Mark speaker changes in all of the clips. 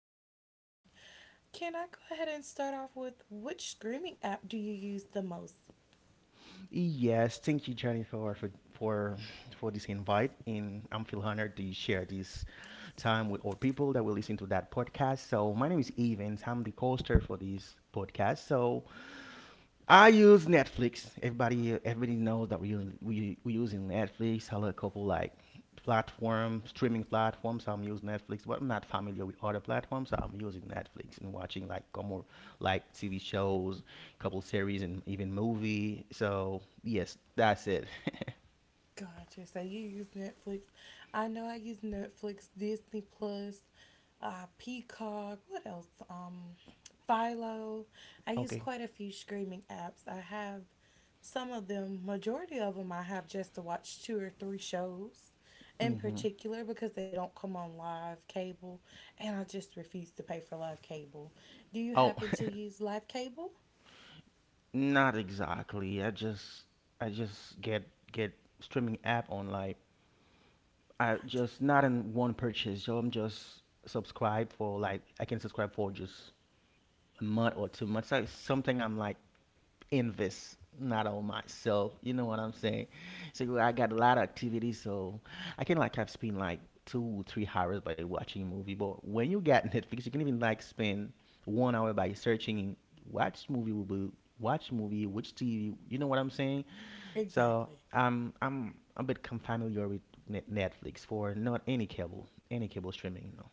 Speaker 1: you this evening. Can I go ahead and start off with which streaming app do you use the most?
Speaker 2: Yes, thank you, Jennifer, for for this invite, and I'm feel honored to share this time with all people that will listen to that podcast. So my name is Evans. I'm the co-host for this podcast. So I use Netflix. Everybody knows that we using Netflix. Hello, a couple like platform streaming platforms. I'm using Netflix, but I'm not familiar with other platforms. So I'm using Netflix and watching like more like TV shows, couple series, and even movie. So yes, that's it.
Speaker 1: Gotcha. So you use Netflix. I know I use Netflix, Disney Plus, Peacock. What else? Philo. I use
Speaker 2: Okay.
Speaker 1: quite a few streaming apps. I have some of them, majority of them, I have just to watch two or three shows in
Speaker 2: Mm-hmm.
Speaker 1: particular because they don't come on live cable, and I just refuse to pay for live cable. Do you
Speaker 2: Oh,
Speaker 1: happen to use live cable?
Speaker 2: not exactly. I just get streaming app on like I
Speaker 1: Gotcha.
Speaker 2: just not in one purchase. So I'm just subscribe for like I can subscribe for just a month or 2 months. Like something I'm like invest not on myself. You know what I'm saying? So I got a lot of activities, so I can like have spent like 2, 3 hours by watching a movie. But when you get Netflix, you can even like spend 1 hour by searching watch movie will be watch movie, which TV. You know what I'm saying? So
Speaker 1: Exactly.
Speaker 2: I'm a bit familiar with Netflix for not any cable, any cable streaming. No.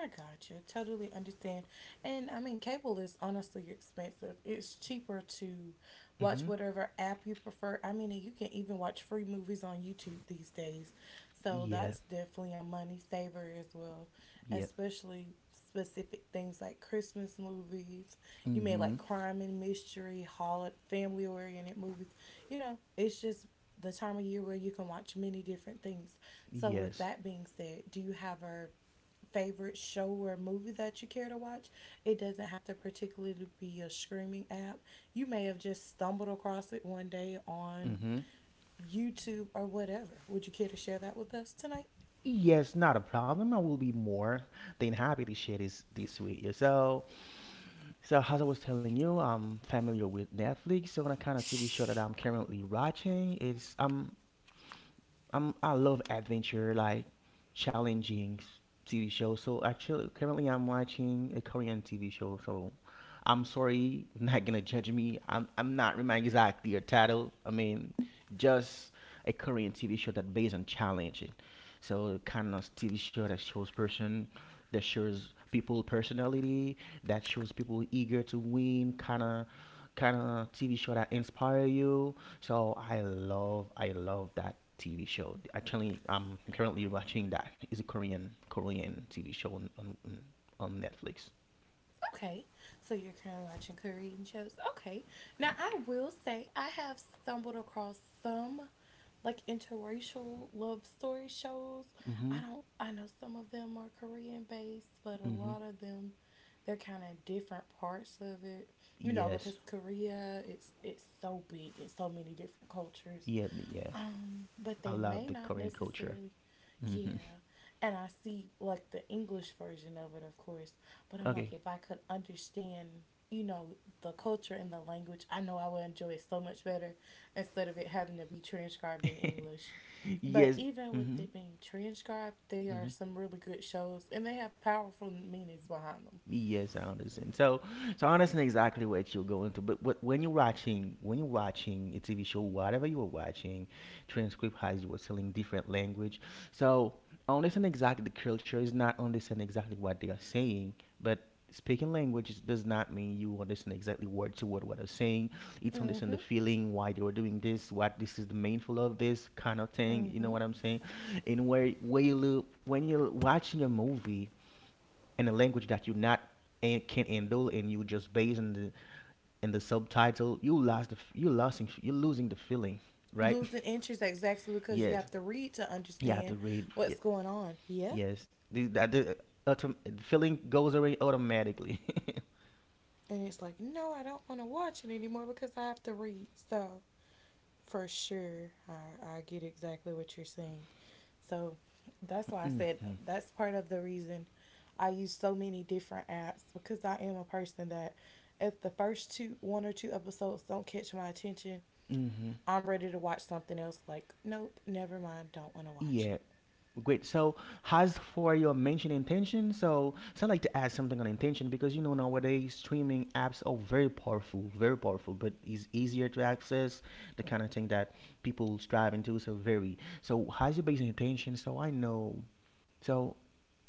Speaker 1: I got you. Totally understand. And I mean, cable is honestly expensive. It's cheaper to watch
Speaker 2: Mhm.
Speaker 1: whatever app you prefer. I mean, and you can even watch free movies on YouTube these days. So
Speaker 2: Yeah.
Speaker 1: that's definitely a money saver as well,
Speaker 2: Yeah.
Speaker 1: especially specific things like Christmas movies. You may like
Speaker 2: Mhm.
Speaker 1: crime and mystery, holiday, family oriented movies. You know, it's just the time of year where you can watch many different things. So, with
Speaker 2: Yes.
Speaker 1: that being said, do you have a favorite show or movie that you care to watch? It doesn't have to particularly be a streaming app. You may have just stumbled across it one day on
Speaker 2: Mhm.
Speaker 1: YouTube or whatever. Would you care to share that with us tonight?
Speaker 2: Yes, not a problem. I will be more than happy to share this with you. So, as I was telling you, I'm familiar with Netflix. So, the kind of TV show that I'm currently watching is I love adventure like challenging TV shows. So, actually, currently I'm watching a Korean TV show. So, I'm sorry, not gonna judge me. I'm not remembering exactly your title. I mean, just a Korean TV show that based on challenging. So kind of TV show that shows person, that shows people personality, that shows people eager to win. Kind of TV show that inspire you. So I love that TV show. Actually, I'm currently watching that. It's a Korean TV show on Netflix.
Speaker 1: Okay. So you're currently watching Korean shows. Okay. Now I will say I have stumbled across some like interracial love story shows.
Speaker 2: Mm-hmm.
Speaker 1: I don't I know some of them are Korean based, but a
Speaker 2: Mm-hmm.
Speaker 1: lot of them, they're kind of different parts of it. You know, because
Speaker 2: Yes.
Speaker 1: Korea, it's so big and so many different cultures.
Speaker 2: Yeah. Yeah.
Speaker 1: But
Speaker 2: I
Speaker 1: they
Speaker 2: love
Speaker 1: may
Speaker 2: the
Speaker 1: not
Speaker 2: Korean culture.
Speaker 1: necessarily.
Speaker 2: Hmm.
Speaker 1: Yeah. And I see like the English version of it, of course. But I'm
Speaker 2: Okay.
Speaker 1: like, if I could understand, you know, the culture and the language, I know I would enjoy it so much better instead of it having to be transcribed in English. But
Speaker 2: Yes.
Speaker 1: even
Speaker 2: Hmm.
Speaker 1: with it being transcribed, they are
Speaker 2: Hmm.
Speaker 1: some really good shows and they have powerful meanings behind them.
Speaker 2: Yes, I understand. So, I understand exactly what you're going through. But what, when you're watching a TV show, whatever you are watching, transcript has you are selling different language. So I understand exactly the culture is not understand exactly what they are saying, but speaking language does not mean you understand exactly word to word what they're saying. It's understand the
Speaker 1: Mm-hmm.
Speaker 2: feeling, why they were doing this, what this is the mindful of this kind of thing. You know
Speaker 1: Mm-hmm.
Speaker 2: what I'm saying? And where you look when you're watching a movie in a language that you not and can't handle, and you just based in the subtitle, you lost you losing the feeling, right?
Speaker 1: Losing interest exactly because you
Speaker 2: Yes,
Speaker 1: have to read to
Speaker 2: you have to
Speaker 1: understand
Speaker 2: read.
Speaker 1: what's going on. Yeah.
Speaker 2: Yes, the, that the autom- feeling goes away automatically.
Speaker 1: And it's like, no, I don't want to watch it anymore because I have to read. So, for sure, I get exactly what you're saying. So, that's why I said
Speaker 2: Mhm.
Speaker 1: that's part of the reason I use so many different apps because I am a person that if the first two, one or two episodes don't catch my attention,
Speaker 2: Mhm.
Speaker 1: I'm ready to watch something else. Like, nope, never mind, don't want to watch
Speaker 2: Yeah.
Speaker 1: it.
Speaker 2: Great. So, as for your mentioned intention, so, I like to add something on intention because you know nowadays streaming apps are very powerful, but it's easier to access the kind of thing that people strive into. So very. So, how's your basic intention? So I know. So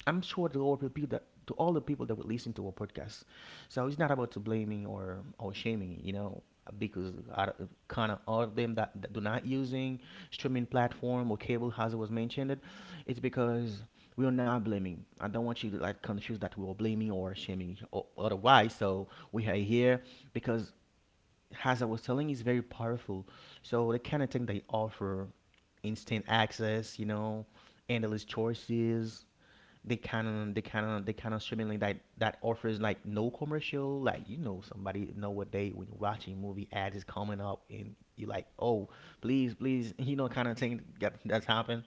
Speaker 2: I'm sure to all the people that to all the people that would listen to our podcast. So it's not about to blaming or shaming, you know, because kind of all of them that do not using streaming platform or cable, as it was mentioned, it's because we are not blaming. I don't want you to like confuse that we are blaming or shaming or otherwise. So we are here because, as I was telling, is very powerful. So the kind of thing they offer, instant access, you know, endless choices they kind of they kind of they kind of streaming like that offers like no commercial, like you know somebody know what they, when you're watching movie ads is coming up and you're like, oh, please, please, you know, kind of thing that's happened.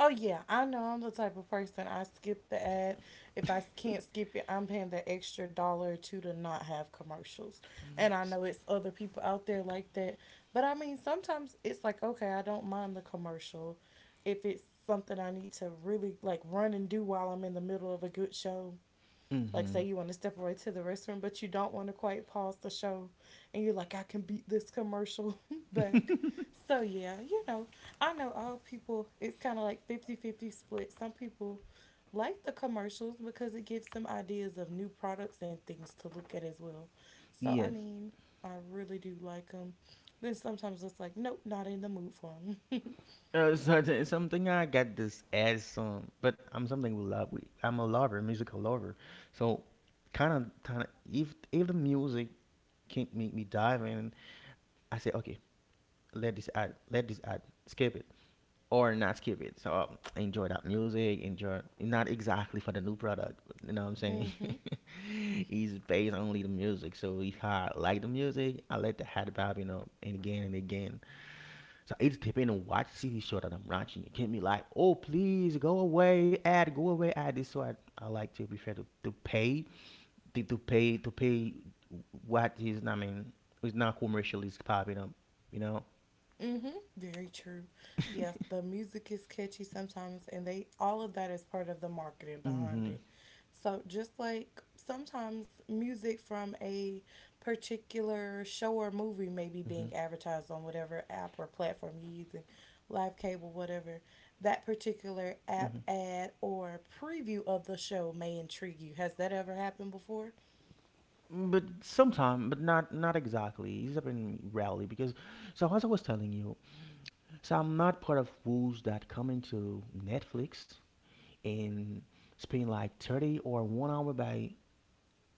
Speaker 1: Oh yeah, I know I'm the type of person I skip the ad. If I can't skip it, I'm paying that extra dollar or two to not have commercials. And I know it's other people out there like that. But I mean sometimes it's like, okay, I don't mind the commercial if it's something I need to really like run and do while I'm in the middle of a good show, like
Speaker 2: Mm-hmm.
Speaker 1: say you want to step away to the restroom but you don't want to quite pause the show and you're like, I can beat this commercial back. So yeah, you know, I know all people, it's kind of like fifty-fifty split. Some people like the commercials because it gives them ideas of new products and things to look at as well. So I
Speaker 2: Yes.
Speaker 1: mean, I really do like them. Then sometimes it's like nope, not in the mood for them.
Speaker 2: So it's something I got this ad song, but I'm something we love. I'm a lover, musical lover. So, kind of, if the music can't make me dive in, I say, okay, let this ad, skip it, or not skip it. So enjoy that music. Enjoy not exactly for the new product. You know what I'm saying?
Speaker 1: Mm-hmm.
Speaker 2: It's based only the music. So if I like the music, I let the hat pop. You know, and again and again. So it's depending on what TV show that I'm watching. It can be like, oh, please go away, ad, go away, ad. This so I like to prefer to pay what is, I mean, it's not commercially popping up, you know.
Speaker 1: Mm-hmm. Very true. Yeah, the music is catchy sometimes, and they all of that is part of the marketing
Speaker 2: Mm-hmm.
Speaker 1: behind it. So just like sometimes music from a particular show or movie may be
Speaker 2: Mm-hmm.
Speaker 1: being advertised on whatever app or platform you're using, live cable, whatever, that particular
Speaker 2: Mm-hmm.
Speaker 1: app ad or preview of the show may intrigue you. Has that ever happened before?
Speaker 2: But sometime, but not exactly. It's has been rarely because, so as I was telling you, so I'm not part of fools that come into Netflix and spend like 30 or 1 hour by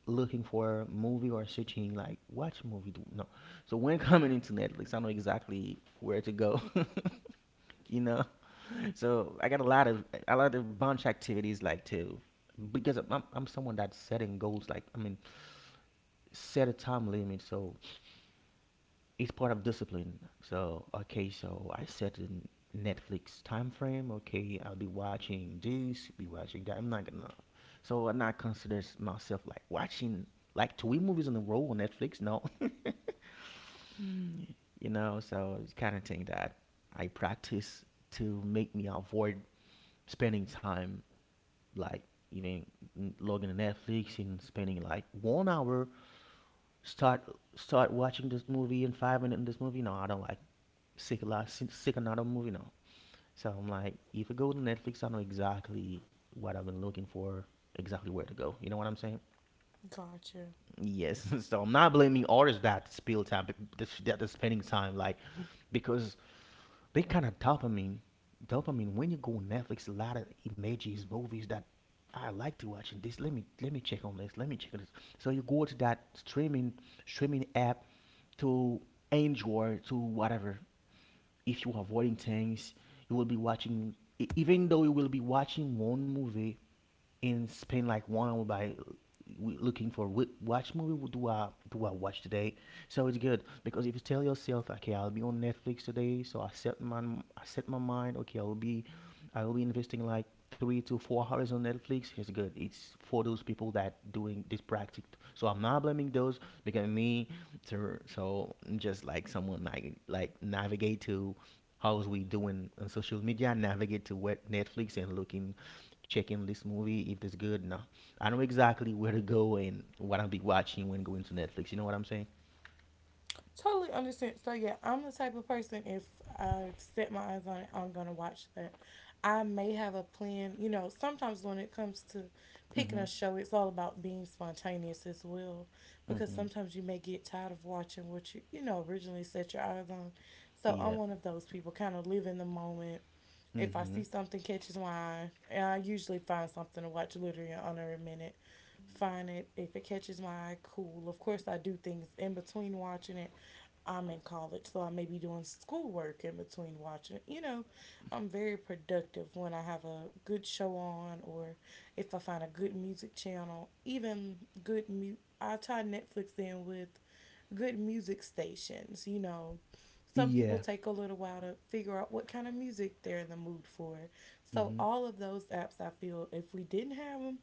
Speaker 2: looking for a movie or searching like watch movie, do no. So when coming into Netflix, I know exactly where to go. You know, so I got a lot of bunch activities like too, because I'm someone that's setting goals, like I mean set a time limit, so it's part of discipline. So okay, so I set a Netflix time frame. Okay, I'll be watching this, be watching that. I'm not gonna. So I'm not consider myself like watching like three movies in a row on Netflix. No. Mm. You know. So it's kind of thing that I practice to make me avoid spending time like even logging in Netflix and spending like 1 hour start start watching this movie and 5 minutes in this movie. No, I don't like sick a lot, sick, another movie now. So I'm like, if I go to Netflix, I know exactly what I've been looking for, exactly where to go. You know what I'm saying?
Speaker 1: Gotcha.
Speaker 2: Yes. So I'm not blaming artists that spill time, that are spending time, like, because they kind of dopamine, dopamine. When you go on Netflix, a lot of images, movies that I like to watch. And this, let me check on this. Let me check on this. So you go to that streaming app to enjoy to whatever, if you avoiding things, you will be watching. Even though you will be watching one movie, and spend like 1 hour by looking for which, movie do I watch today. So it's good because if you tell yourself, okay, I'll be on Netflix today, so I set my mind, okay, I will be investing like 3 to 4 hours on Netflix. It's good. It's for those people that doing this practice. So I'm not blaming those, because me, to, so I'm just like someone like navigate to how's we doing on social media, navigate to what Netflix and looking, checking this movie if it's good. No, I know exactly where to go and what I'll be watching when going to Netflix. You know what I'm saying?
Speaker 1: Totally understand. So yeah, I'm the type of person if I've set my eyes on it, I'm gonna watch that. I may have a plan. You know, sometimes when it comes to picking
Speaker 2: Mhm.
Speaker 1: a show, it's all about being spontaneous as well, because
Speaker 2: Mhm.
Speaker 1: sometimes you may get tired of watching what you know originally set your eyes on. So I'm
Speaker 2: Yeah.
Speaker 1: one of those people, kind of live in the moment. If I see
Speaker 2: Mhm.
Speaker 1: something catches my eye, and I usually find something to watch literally in under a minute, find it. If it catches my eye, cool. Of course I do things in between watching it. I'm in college, so I may be doing schoolwork in between watching. You know, I'm very productive when I have a good show on, or if I find a good music channel, even good mu. I tie Netflix in with good music stations. You know, some people
Speaker 2: Yeah.
Speaker 1: take a little while to figure out what kind of music they're in the mood for. So
Speaker 2: Mhm.
Speaker 1: all of those apps, I feel, if we didn't have them,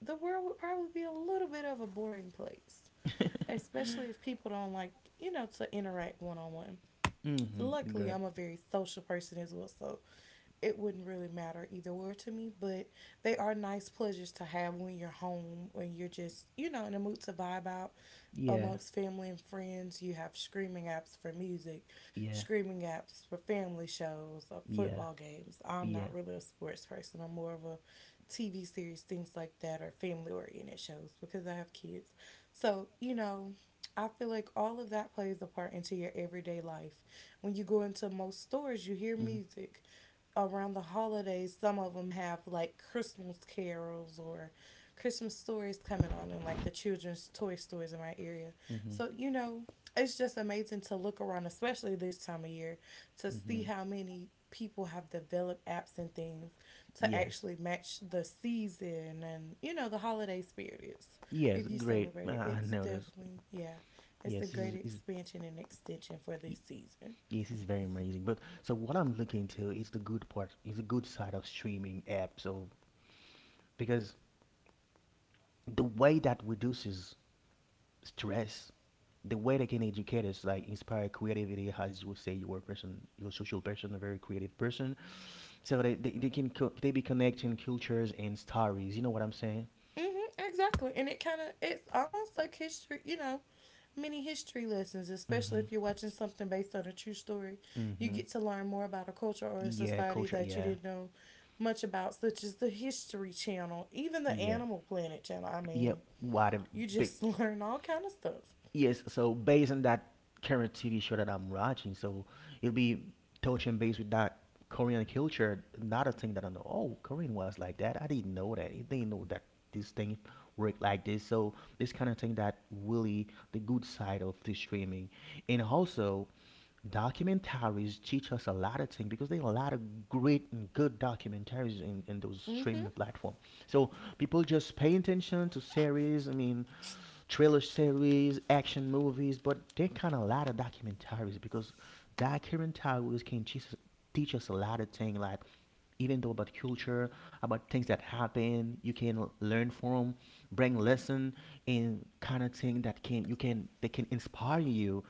Speaker 1: the world would probably be a little bit of a boring place, especially if people don't like, you know, to interact one on one.
Speaker 2: Mhm.
Speaker 1: Luckily,
Speaker 2: Great.
Speaker 1: I'm a very social person as well, so it wouldn't really matter either way to me, but they are nice pleasures to have when you're home, when you're just, you know, in a mood to vibe out
Speaker 2: Yeah.
Speaker 1: amongst family and friends. You have screaming apps for music,
Speaker 2: Yeah,
Speaker 1: screaming apps for family shows,
Speaker 2: yeah,
Speaker 1: football games. I'm
Speaker 2: yeah.
Speaker 1: not really a sports person, I'm more of a TV series, things like that, or family oriented shows because I have kids. So, you know, I feel like all of that plays a part into your everyday life. When you go into most stores, you hear
Speaker 2: Mm.
Speaker 1: music around the holidays. Some of them have like Christmas carols or Christmas stories coming on in like the children's toy stores in my area.
Speaker 2: Mhm.
Speaker 1: So, you know, it's just amazing to look around, especially this time of year, to see
Speaker 2: Mhm.
Speaker 1: how many people have developed apps and things to
Speaker 2: Yes,
Speaker 1: actually match the season and, you know, the holiday spirit is.
Speaker 2: yes,
Speaker 1: If you
Speaker 2: great.
Speaker 1: celebrate it,
Speaker 2: I
Speaker 1: it's
Speaker 2: noticed.
Speaker 1: definitely, yeah, it's a
Speaker 2: Yes, this
Speaker 1: great
Speaker 2: is
Speaker 1: expansion and extension for
Speaker 2: y-
Speaker 1: this season.
Speaker 2: yes, this is very amazing. But so what I'm looking to is the good part, is the good side of streaming apps. So because the way that reduces stress, the way they can educate us, like inspire creativity, as you would say, you're a person, you're a social person, a very creative person. So they be connecting cultures and stories. You know what I'm saying?
Speaker 1: Mm-hmm, exactly. And it kind of, it's almost like history, you know, mini history lessons, especially if you're watching something based on a true story. You
Speaker 2: Mm-hmm.
Speaker 1: get to learn more about a culture or a
Speaker 2: Yeah,
Speaker 1: society
Speaker 2: culture.
Speaker 1: that you
Speaker 2: Yeah,
Speaker 1: didn't know much about, such as the History Channel, even the
Speaker 2: yeah,
Speaker 1: Animal Planet Channel. I
Speaker 2: yeah.
Speaker 1: mean,
Speaker 2: What a
Speaker 1: you
Speaker 2: big
Speaker 1: just learn all kind of stuff.
Speaker 2: yes. So based on that current TV show that I'm watching, so it'll be touching base with that Korean culture. Another thing that I know. Oh, Korean was like that. I didn't know that. I didn't know that this thing worked like this. So this kind of thing that really the good side of the streaming, and also documentaries teach us a lot of things because there are a lot of great and good documentaries in those
Speaker 1: Mm-hmm.
Speaker 2: streaming platform. So people just pay attention to series. I mean, thriller series, action movies, but there kind of a lot of documentaries because documentaries can teach us a lot of things, like even though about culture, about things that happen, you can learn from, bring lesson, in kind of thing that can you can they can inspire you.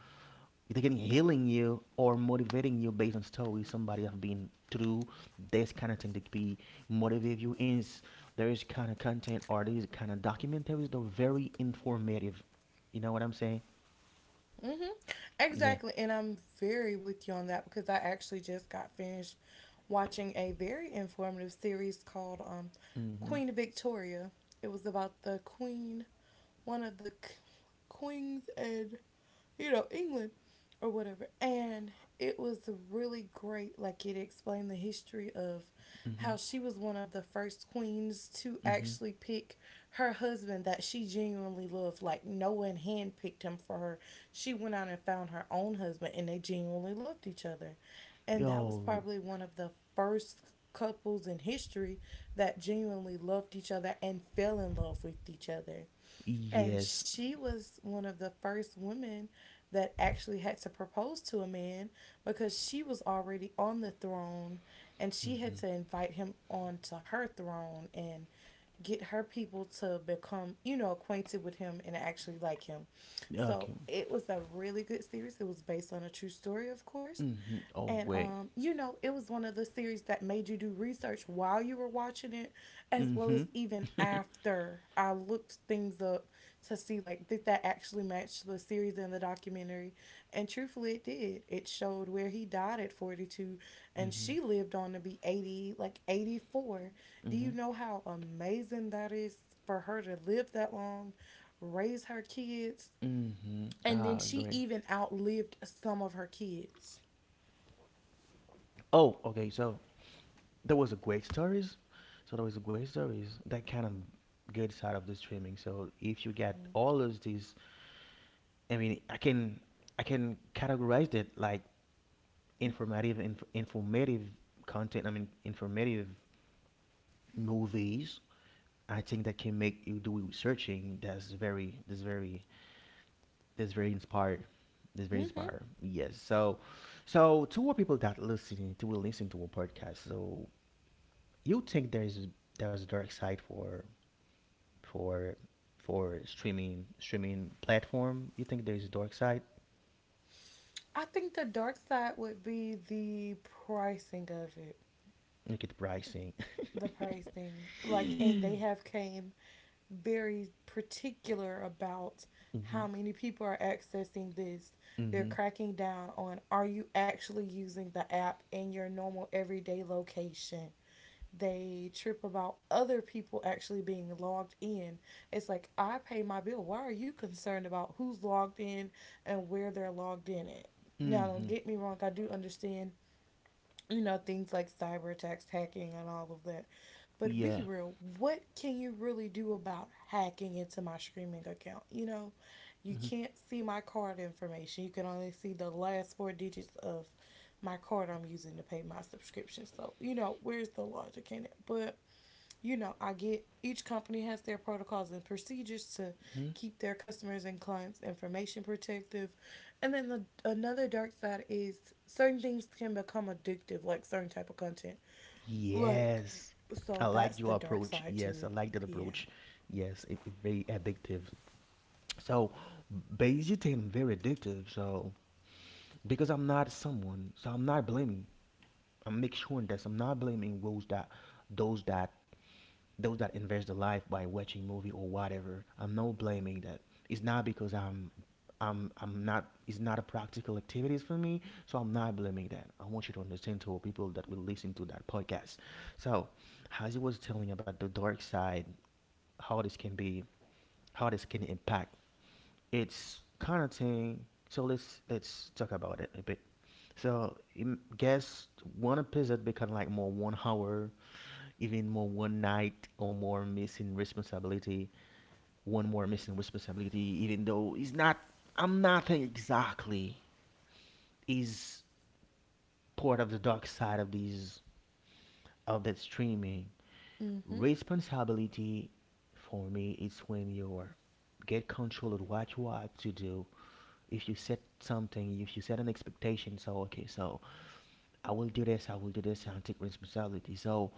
Speaker 2: They can healing you or motivating you based on stories somebody have been through. This kind of thing that be motivate you. Is there is kind of content or there is kind of documentaries that are very informative, you know what I'm saying?
Speaker 1: Mm-hmm.
Speaker 2: Yeah.
Speaker 1: Exactly. And I'm very with you on that because I actually just got finished watching a very informative series called
Speaker 2: Hmm.
Speaker 1: Queen Victoria. It was about the Queen, one of the queens and, you know, England or whatever. And it was really great. Like it explained the history of how
Speaker 2: Hmm.
Speaker 1: she was one of the first queens to
Speaker 2: Hmm.
Speaker 1: actually pick her husband that she genuinely loved. Like no one handpicked him for her. She went out and found her own husband, and they genuinely loved each other. And that was
Speaker 2: Oh
Speaker 1: probably one of the first couples in history that genuinely loved each other and fell in love with each other. And
Speaker 2: yes.
Speaker 1: she was one of the first women that actually had to propose to a man because she was already on the throne and she had
Speaker 2: Hmm.
Speaker 1: to invite him onto her throne and get her people to become, you know, acquainted with him and actually like him. So
Speaker 2: Okay.
Speaker 1: it was a really good series. It was based on a true story, of course.
Speaker 2: Hmm. Oh
Speaker 1: And
Speaker 2: wait.
Speaker 1: you know, it was one of the series that made you do research while you were watching it, as
Speaker 2: Hmm.
Speaker 1: well
Speaker 2: Hmm.
Speaker 1: as even after. I looked things up to see like did that actually match the series and the documentary, and truthfully it did. It showed where he died at 42 and
Speaker 2: Hmm.
Speaker 1: she lived on to be 80, like 84. Do you know how amazing that is, for her to live that long, raise her kids,
Speaker 2: Hmm.
Speaker 1: and then
Speaker 2: Ah,
Speaker 1: she
Speaker 2: great.
Speaker 1: even outlived some of her kids?
Speaker 2: Oh, okay. So there was a great stories. So there was a great stories that kind of good side of the streaming. So if you get all of these, I mean, I can categorize it like informative, informative content, I mean, informative movies. I think that can make you do researching. That's very, that's very that's very inspired. that's very
Speaker 1: Mm-hmm.
Speaker 2: inspired yes. So, so to our people that listening to will listen to a podcast, so you think there's a dark side for for streaming platform. You think there's a dark side?
Speaker 1: I think the dark side would be the pricing of it,
Speaker 2: Look at the pricing.
Speaker 1: the pricing. Like and
Speaker 2: Mhm.
Speaker 1: they have came very particular about how many people are accessing this. They're
Speaker 2: Mhm.
Speaker 1: cracking down on, are you actually using the app in your normal everyday location? They trip about other people actually being logged in. It's like, I pay my bill. Why are you concerned about who's logged in and where they're logged in at? Now, don't
Speaker 2: Mhm.
Speaker 1: get me wrong, I do understand, you know, things like cyber attacks, hacking, and all of that. But be
Speaker 2: Yeah.
Speaker 1: real, what can you really do about hacking into my streaming account? You know, you
Speaker 2: Mhm.
Speaker 1: can't see my card information. You can only see the last four digits of my card I'm using to pay my subscription. So, you know, where's the logic in it? But you know, I get each company has their protocols and procedures to
Speaker 2: Mhm.
Speaker 1: keep their customers and clients information protective. And then the another dark side is certain things can become addictive, like certain type of content. Like
Speaker 2: Yes. I
Speaker 1: so
Speaker 2: like
Speaker 1: that's
Speaker 2: your
Speaker 1: the dark
Speaker 2: approach.
Speaker 1: side to
Speaker 2: Yes, I
Speaker 1: it.
Speaker 2: like that
Speaker 1: Yeah.
Speaker 2: approach. Yes, it very addictive. So, basically, I'm very addictive. So, because I'm not someone, so I'm not blaming. I'm make sure that I'm not blaming those that those that invest their life by watching movie or whatever. I'm not blaming that. It's not because I'm not, it's not a practical activities for me, so I'm not blaming that. I want you to understand to people that will listen to that podcast. So as he was telling about the dark side, how this can be how this can impact, it's kind of thing, so let's talk about it a bit. So guess one episode become like more 1 hour, even more one night, or more missing responsibility, one more missing responsibility, even though it's not, I'm nothing exactly, is part of the dark side of these, of that streaming.
Speaker 1: Mhm.
Speaker 2: Responsibility for me is when you get control of what you have to do. If you set something, if you set an expectation, so okay, so I will do this, I will do this, I'll take responsibility. So,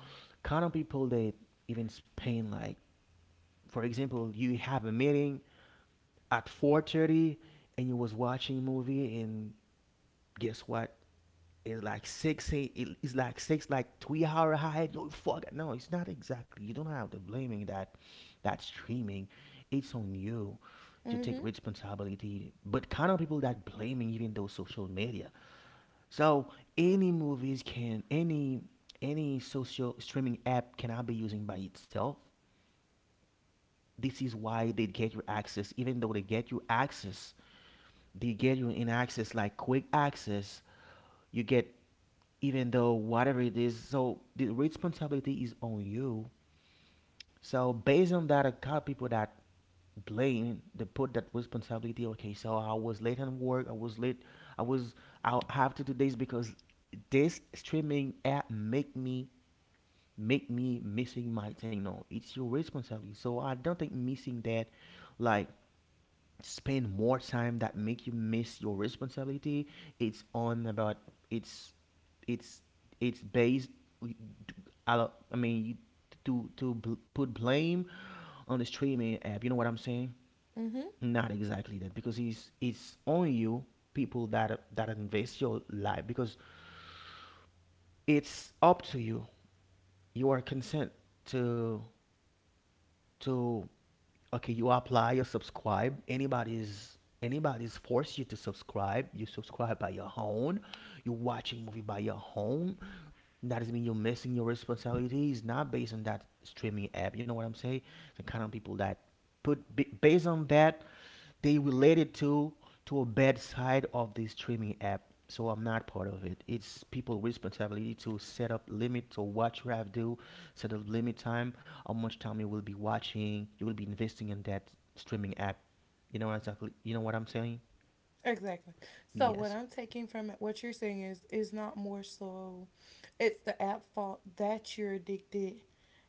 Speaker 2: kind of people that even spend like, for example, you have a meeting at 4:30 and you was watching a movie, and guess what, it's like six, it's like six, like 3 hour high. No, fuck it. No, it's not exactly. You don't have to blaming that, that streaming. It's on you to take
Speaker 1: Mhm.
Speaker 2: responsibility. But kind of people that blaming even those social media. So any movies can, any social streaming app cannot be using by itself. This is why they get you access. Even though they get you access, they get you in access like quick access, you get. Even though whatever it is, so the responsibility is on you. So based on that, I got people that blame, they put that responsibility. Okay, so I was late on work, I was late, I was, I have to do this because this streaming app make me, make me missing my thing. No, it's your responsibility. So I don't think missing that, like spend more time that make you miss your responsibility, it's on about, it's it's it's based, I mean, to put blame on the streaming app, you know what I'm saying?
Speaker 1: Mhm.
Speaker 2: Not exactly that, because it's on you. People that that invest your life, because it's up to you. You are consent to to okay, you apply, you subscribe. Anybody's, anybody's force you to subscribe. You subscribe by your own. You watching movie by your own. That doesn't mean you're missing your responsibility. It's not based on that streaming app, you know what I'm saying? The kind of people that based on that, they relate it to a bad side of the streaming app. So I'm not part of it. It's people responsibility to set up limit to what you have to do. Set up limit time, how much time you will be watching, you will be investing in that streaming app. You know exactly, you know what I'm saying?
Speaker 1: Exactly. So what
Speaker 2: Yes.
Speaker 1: I'm taking from it, what you're saying is not more so, it's the app fault that you're addicted.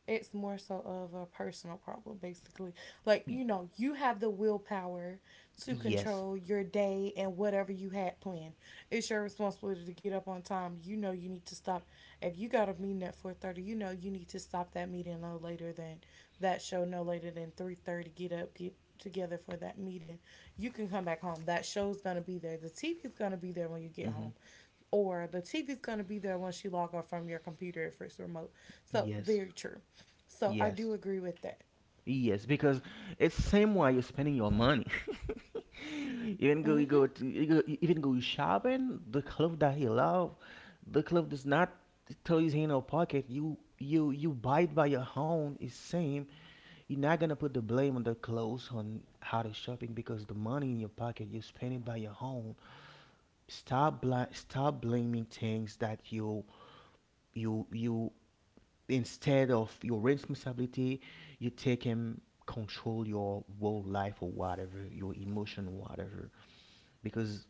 Speaker 1: It's more so of a personal problem, basically. Like
Speaker 2: Y-
Speaker 1: you know, you have the willpower to
Speaker 2: yes.
Speaker 1: control your day and whatever you had planned. It's your responsibility to get up on time. You know you need to stop. If you got a meeting at 4:30, you know you need to stop that meeting no later than that show, no later than 3:30. Get up, get together for that meeting. You can come back home, that show's gonna be there, the tv's gonna be there when you get home,
Speaker 2: Hmm.
Speaker 1: or the tv's gonna be there once you log off from your computer if it's remote. So
Speaker 2: Yes.
Speaker 1: very true, so I do
Speaker 2: Yes.
Speaker 1: agree with that.
Speaker 2: Yes, because it's same way you're spending your money. Even go,
Speaker 1: Mm-hmm.
Speaker 2: you go, even go shopping, the clothes that he love, the clothes does not throw toys in your pocket. You buy it by your own. It's same. You're not gonna put the blame on the clothes on how to shopping, because the money in your pocket you spend it by your own. Stop stop blaming things that you, instead of your responsibility, you take him, control your whole life or whatever, your emotion, whatever. Because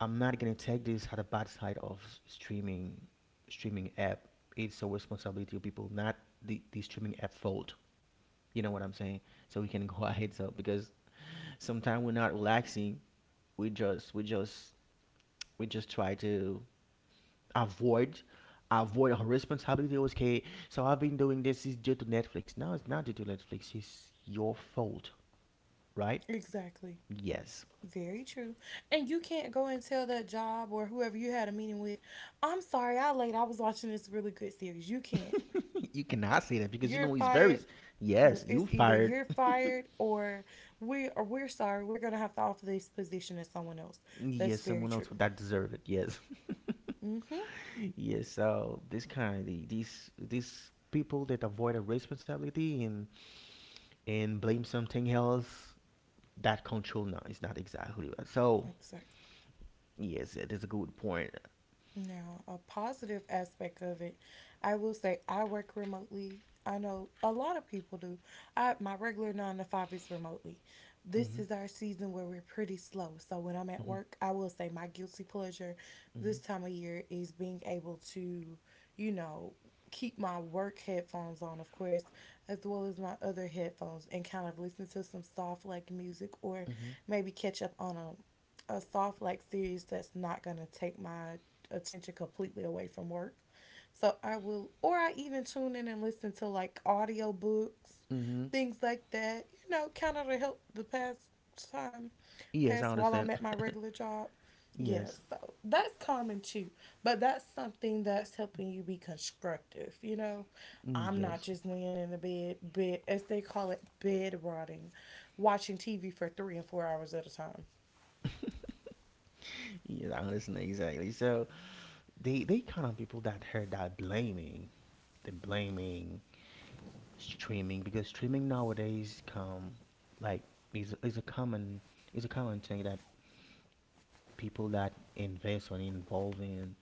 Speaker 2: I'm not gonna take this at a bad side of streaming streaming app. It's a responsibility of people, not the streaming app fault, you know what I'm saying? So we can go our heads up, because sometimes we're not relaxing. We just we just we just try to avoid avoid her responsibility. Was okay, so I've been doing this is due to Netflix. No, it's not due to Netflix. It's your fault, right?
Speaker 1: Exactly.
Speaker 2: Yes.
Speaker 1: Very true. And you can't go and tell that job or whoever you had a meeting with, I'm sorry, I late. I was watching this really good series. You can't.
Speaker 2: You cannot say that, because you
Speaker 1: You're
Speaker 2: know it's very,
Speaker 1: fired. Look,
Speaker 2: yes, you
Speaker 1: it's either
Speaker 2: fired.
Speaker 1: you're fired or we, or we're sorry, we're gonna have to offer this position to someone else. That's
Speaker 2: Yes,
Speaker 1: very
Speaker 2: someone else
Speaker 1: true.
Speaker 2: would that deserve it. Yes.
Speaker 1: Mm-hmm.
Speaker 2: Yes, so this kind of the, these people that avoid a responsibility and blame something else that control. No, it's not exactly right. So
Speaker 1: Exactly.
Speaker 2: yes, it is a good point.
Speaker 1: Now, a positive aspect of it, I will say I work remotely. I know a lot of people do. I My regular nine to five is remotely. This
Speaker 2: Hmm.
Speaker 1: is our season where we're pretty slow. So when I'm at
Speaker 2: Hmm.
Speaker 1: work, I will say my guilty pleasure this
Speaker 2: Mhm.
Speaker 1: time of year is being able to, you know, keep my work headphones on, of course, as well as my other headphones and kind of listen to some soft like music, or
Speaker 2: Mhm.
Speaker 1: maybe catch up on a soft like series that's not going to take my attention completely away from work. So I will, or I even tune in and listen to like audio books,
Speaker 2: Mhm.
Speaker 1: things like that, you know, kind of to help the past time
Speaker 2: Yes, I
Speaker 1: pass while
Speaker 2: understand.
Speaker 1: I'm at my regular job. Yeah,
Speaker 2: Yes.
Speaker 1: so that's common too. But that's something that's helping you be constructive, you know?
Speaker 2: Mm,
Speaker 1: I'm not
Speaker 2: yes.
Speaker 1: just laying in the bed, as they call it, bed rotting, watching TV for 3 and 4 hours at a time.
Speaker 2: Yes, I understand exactly. So they count on people that heard that blaming, the blaming streaming, because streaming nowadays come like, is a common, is a common thing that people that invest or involve in,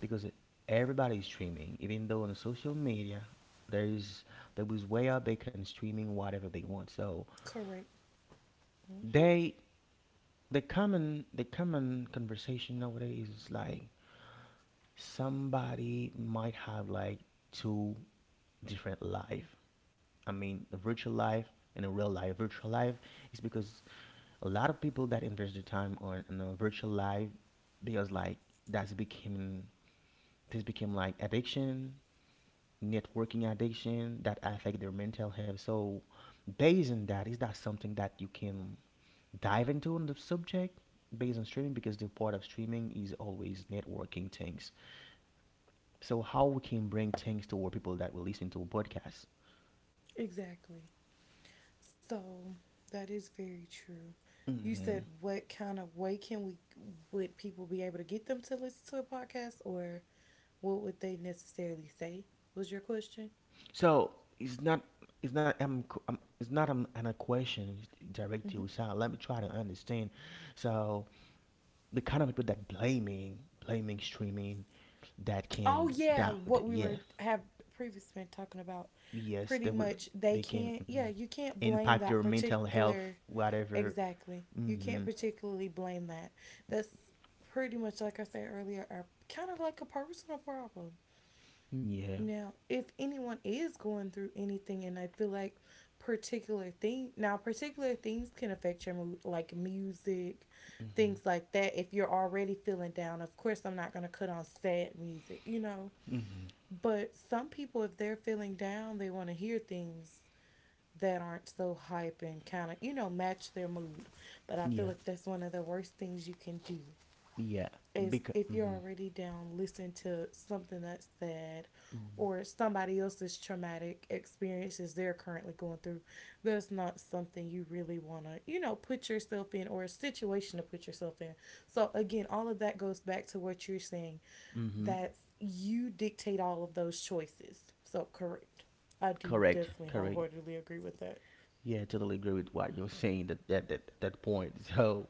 Speaker 2: because everybody's streaming. Even though on social media, there is there is way out, they can streaming whatever they want. So
Speaker 1: Correct.
Speaker 2: they, the common, the common conversation nowadays is like, somebody might have like two different life, I mean a virtual life and a real life. Virtual life is because a lot of people that invest their time on a virtual life. Because like that's becoming, this became like addiction, networking addiction, that affect their mental health. So based on that, is that something that you can dive into on the subject, based on streaming, because the part of streaming is always networking things. So how we can bring things toward people that will listen to a podcast?
Speaker 1: Exactly. So that is very true. You
Speaker 2: Hmm.
Speaker 1: said what kind of way can we would people be able to get them to listen to a podcast, or what would they necessarily say was your question?
Speaker 2: So it's not it's not it's not an a question directly
Speaker 1: Hmm.
Speaker 2: to sound. Let me try to understand. So the kind of people that blaming streaming, that
Speaker 1: Oh
Speaker 2: can
Speaker 1: yeah, what
Speaker 2: that,
Speaker 1: we
Speaker 2: yeah.
Speaker 1: were have previously been talking about.
Speaker 2: Yes,
Speaker 1: Pretty
Speaker 2: they will,
Speaker 1: much, they
Speaker 2: they can,
Speaker 1: can't. Yeah,
Speaker 2: mhm,
Speaker 1: you can't blame
Speaker 2: impact
Speaker 1: that
Speaker 2: their mental
Speaker 1: particular.
Speaker 2: health, whatever.
Speaker 1: Exactly, you can't
Speaker 2: Hmm.
Speaker 1: particularly blame that. That's pretty much like I said earlier, are kind of like a personal problem.
Speaker 2: Yeah.
Speaker 1: Now, if anyone is going through anything, and I feel like particular things can affect your mood, like music,
Speaker 2: Hmm.
Speaker 1: things like that. If you're already feeling down, of course I'm not going to cut on sad music, you know,
Speaker 2: Hmm.
Speaker 1: but some people, if they're feeling down, they want to hear things that aren't so hype and kind of, you know, match their mood. But I feel
Speaker 2: Yeah,
Speaker 1: like that's one of the worst things you can do,
Speaker 2: yeah.
Speaker 1: is
Speaker 2: Because,
Speaker 1: if you're
Speaker 2: hmm.
Speaker 1: already down, listen to something that's sad, or somebody else's traumatic experiences they're currently going through. That's not something you really want to, you know, put yourself in, or a situation to put yourself in. So, again, all of that goes back to what you're saying,
Speaker 2: Hmm.
Speaker 1: that you dictate all of those choices. So, correct. I do
Speaker 2: Correct,
Speaker 1: definitely
Speaker 2: correct.
Speaker 1: wholeheartedly agree with that.
Speaker 2: Yeah, I totally agree with what you're saying, that point. So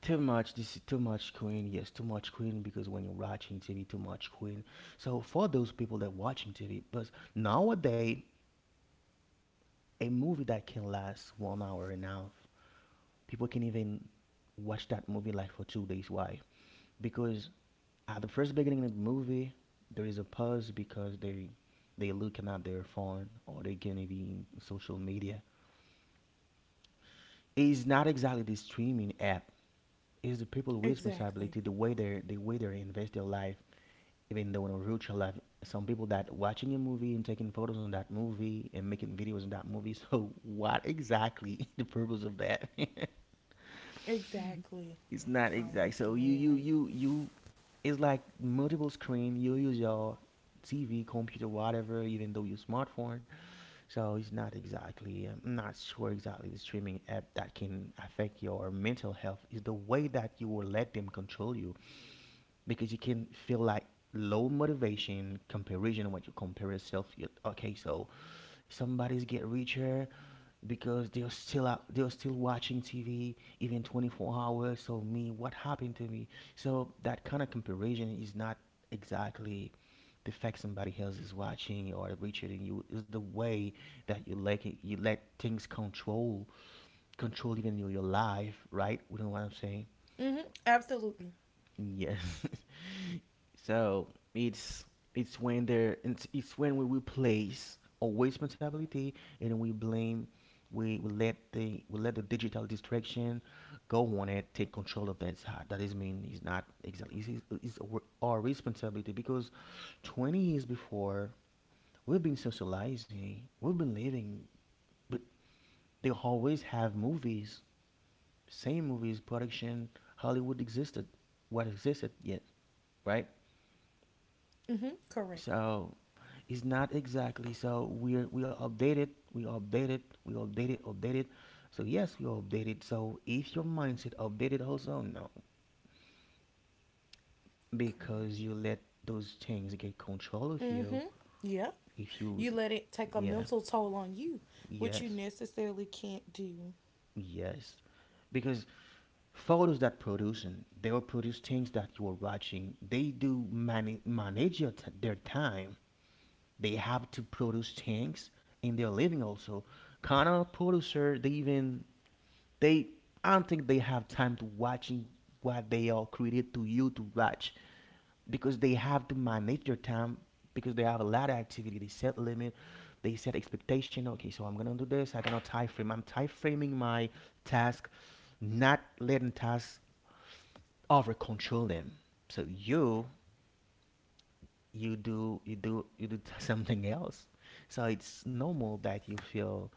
Speaker 2: too much. This is too much Queen. Yes, too much Queen. Because when you're watching TV, too much Queen. So for those people that watching TV, but nowadays a movie that can last 1 hour and a half, people can even watch that movie like for 2 days. Why? Because at the first beginning of the movie, there is a pause because they looking at their phone, or they can even social media. It's not exactly the streaming app. It's the people with
Speaker 1: Exactly.
Speaker 2: responsibility, the way they, the way they invest their life, even though in a virtual life. Some people that watching a movie and taking photos on that movie and making videos on that movie. So what exactly the purpose of that?
Speaker 1: Exactly.
Speaker 2: It's not
Speaker 1: I'm
Speaker 2: exact.
Speaker 1: with
Speaker 2: So
Speaker 1: you,
Speaker 2: you
Speaker 1: Anne,
Speaker 2: you
Speaker 1: right?
Speaker 2: you you, it's like multiple screen. You use your TV, computer, whatever, even though your smartphone. So it's not exactly. I'm not sure exactly the streaming app that can affect your mental health. Is the way that you will let them control you, because you can feel like low motivation, comparison, when you compare yourself, you okay, so somebody's get richer, because they're still out, they're still watching TV even 24 hours, so me, what happened to me? So that kind of comparison is not exactly the fact somebody else is watching or richer than you. Is the way that you let it, you let things control even your life, right, you know what I'm saying?
Speaker 1: Mm hmm. Absolutely.
Speaker 2: Yes. So it's it's when there it's when we replace our responsibility and we blame, we let the, we let the digital distraction go on, it take control of that side. That is mean it's not exactly, it's our responsibility. Because 20 years before we've been socializing, we've been living, but they always have movies, same movies production, Hollywood existed, what existed yet, right?
Speaker 1: Mm hmm. Correct.
Speaker 2: So it's not exactly. So we're, we are updated. We are updated. We are updated. Updated. So yes, we are updated. So if your mindset updated also no,
Speaker 1: Correct.
Speaker 2: because you let those things get control of you.
Speaker 1: Mm-hmm. Yeah.
Speaker 2: If you
Speaker 1: You let it take a
Speaker 2: yeah
Speaker 1: mental toll on you, which you
Speaker 2: yes
Speaker 1: necessarily can't do.
Speaker 2: yes, because photos that producing they will produce things that you are watching. They do manage their time. They have to produce things in their living also. Kind of producer they even they I don't think they have time to watching what they are created to you to watch because they have to manage their time because they have a lot of activity. They set limit, they set expectation. Okay, so I'm gonna do this. I cannot time frame. I'm time framing my task, not letting tasks over control them. So you do something else. So it's normal that you feel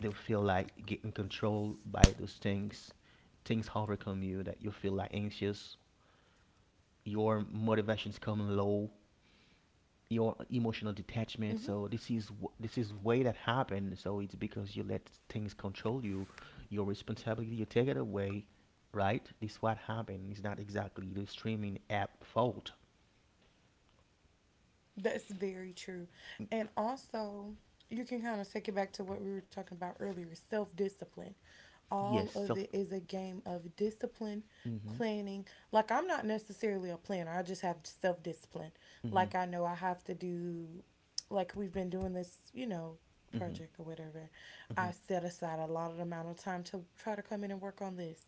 Speaker 2: they feel like getting controlled by those things. Things overcome you that you feel like anxious. Your motivations coming low. Your emotional detachment.
Speaker 1: Mm-hmm.
Speaker 2: So this is way that happened. So it's because you let things control you. Your responsibility, you take it away, right? This is what happened. It's not exactly the streaming app fault.
Speaker 1: That's very true. And also, you can kind of take it back to what we were talking about earlier, self discipline. All
Speaker 2: Yes,
Speaker 1: of it
Speaker 2: self.
Speaker 1: is a game of discipline,
Speaker 2: Mhm.
Speaker 1: planning. Like, I'm not necessarily a planner, I just have self discipline.
Speaker 2: Mhm.
Speaker 1: Like, I know I have to do, like, we've been doing this, you know,
Speaker 2: Mhm.
Speaker 1: project or whatever,
Speaker 2: Mhm.
Speaker 1: I set aside a lot of amount of time to try to come in and work on this.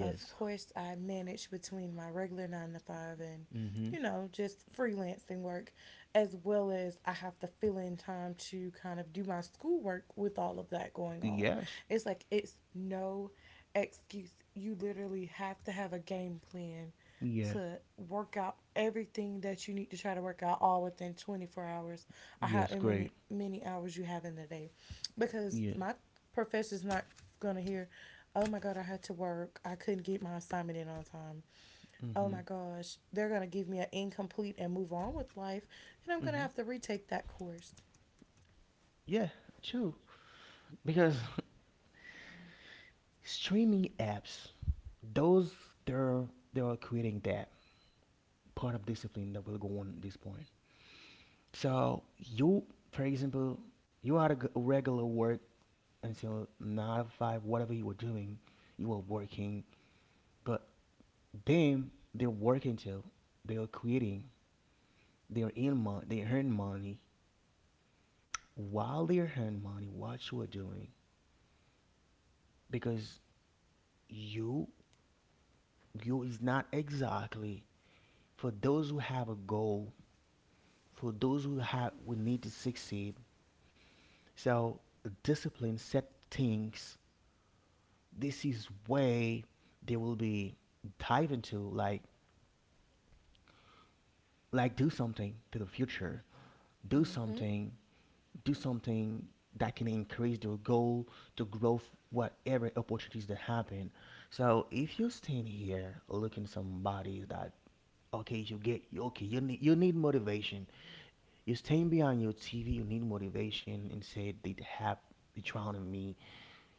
Speaker 1: Of course, I manage between my regular nine to five and, you
Speaker 2: Mhm.
Speaker 1: know, just freelancing work, as well as I have to fill in time to kind of do my schoolwork with all of that going on.
Speaker 2: Yes.
Speaker 1: It's like it's no excuse. You literally have to have a game plan
Speaker 2: Yeah.
Speaker 1: to work out everything that you need to try to work out, all within 24 hours or
Speaker 2: Yes.
Speaker 1: however many
Speaker 2: Great.
Speaker 1: many hours you have in the day, because
Speaker 2: Yeah.
Speaker 1: my professor's not gonna hear, oh my god, I had to work, I couldn't get my assignment in on time. Oh
Speaker 2: Mhm.
Speaker 1: my gosh, they're gonna give me an incomplete and move on with life, and I'm gonna
Speaker 2: Hmm.
Speaker 1: have to retake that course.
Speaker 2: Yeah, true. Because streaming apps, those they're they're creating that part of discipline that will go on at this point. So you, for example, you had a regular work until nine to five, whatever you were doing, you were working. But then they're working till they're creating, they're in money, they earn money while they're earning money. What you are doing because you you is not exactly for those who have a goal, for those who have who need to succeed. So discipline set things. This is way they will be dive into like do something to the future. Do
Speaker 1: Mm-hmm.
Speaker 2: something. Do something that can increase their goal to growth whatever opportunities that happen. So if you are stand here looking somebody that okay you get okay you need motivation, you're staying behind your TV, you need motivation and said they have the trial in me,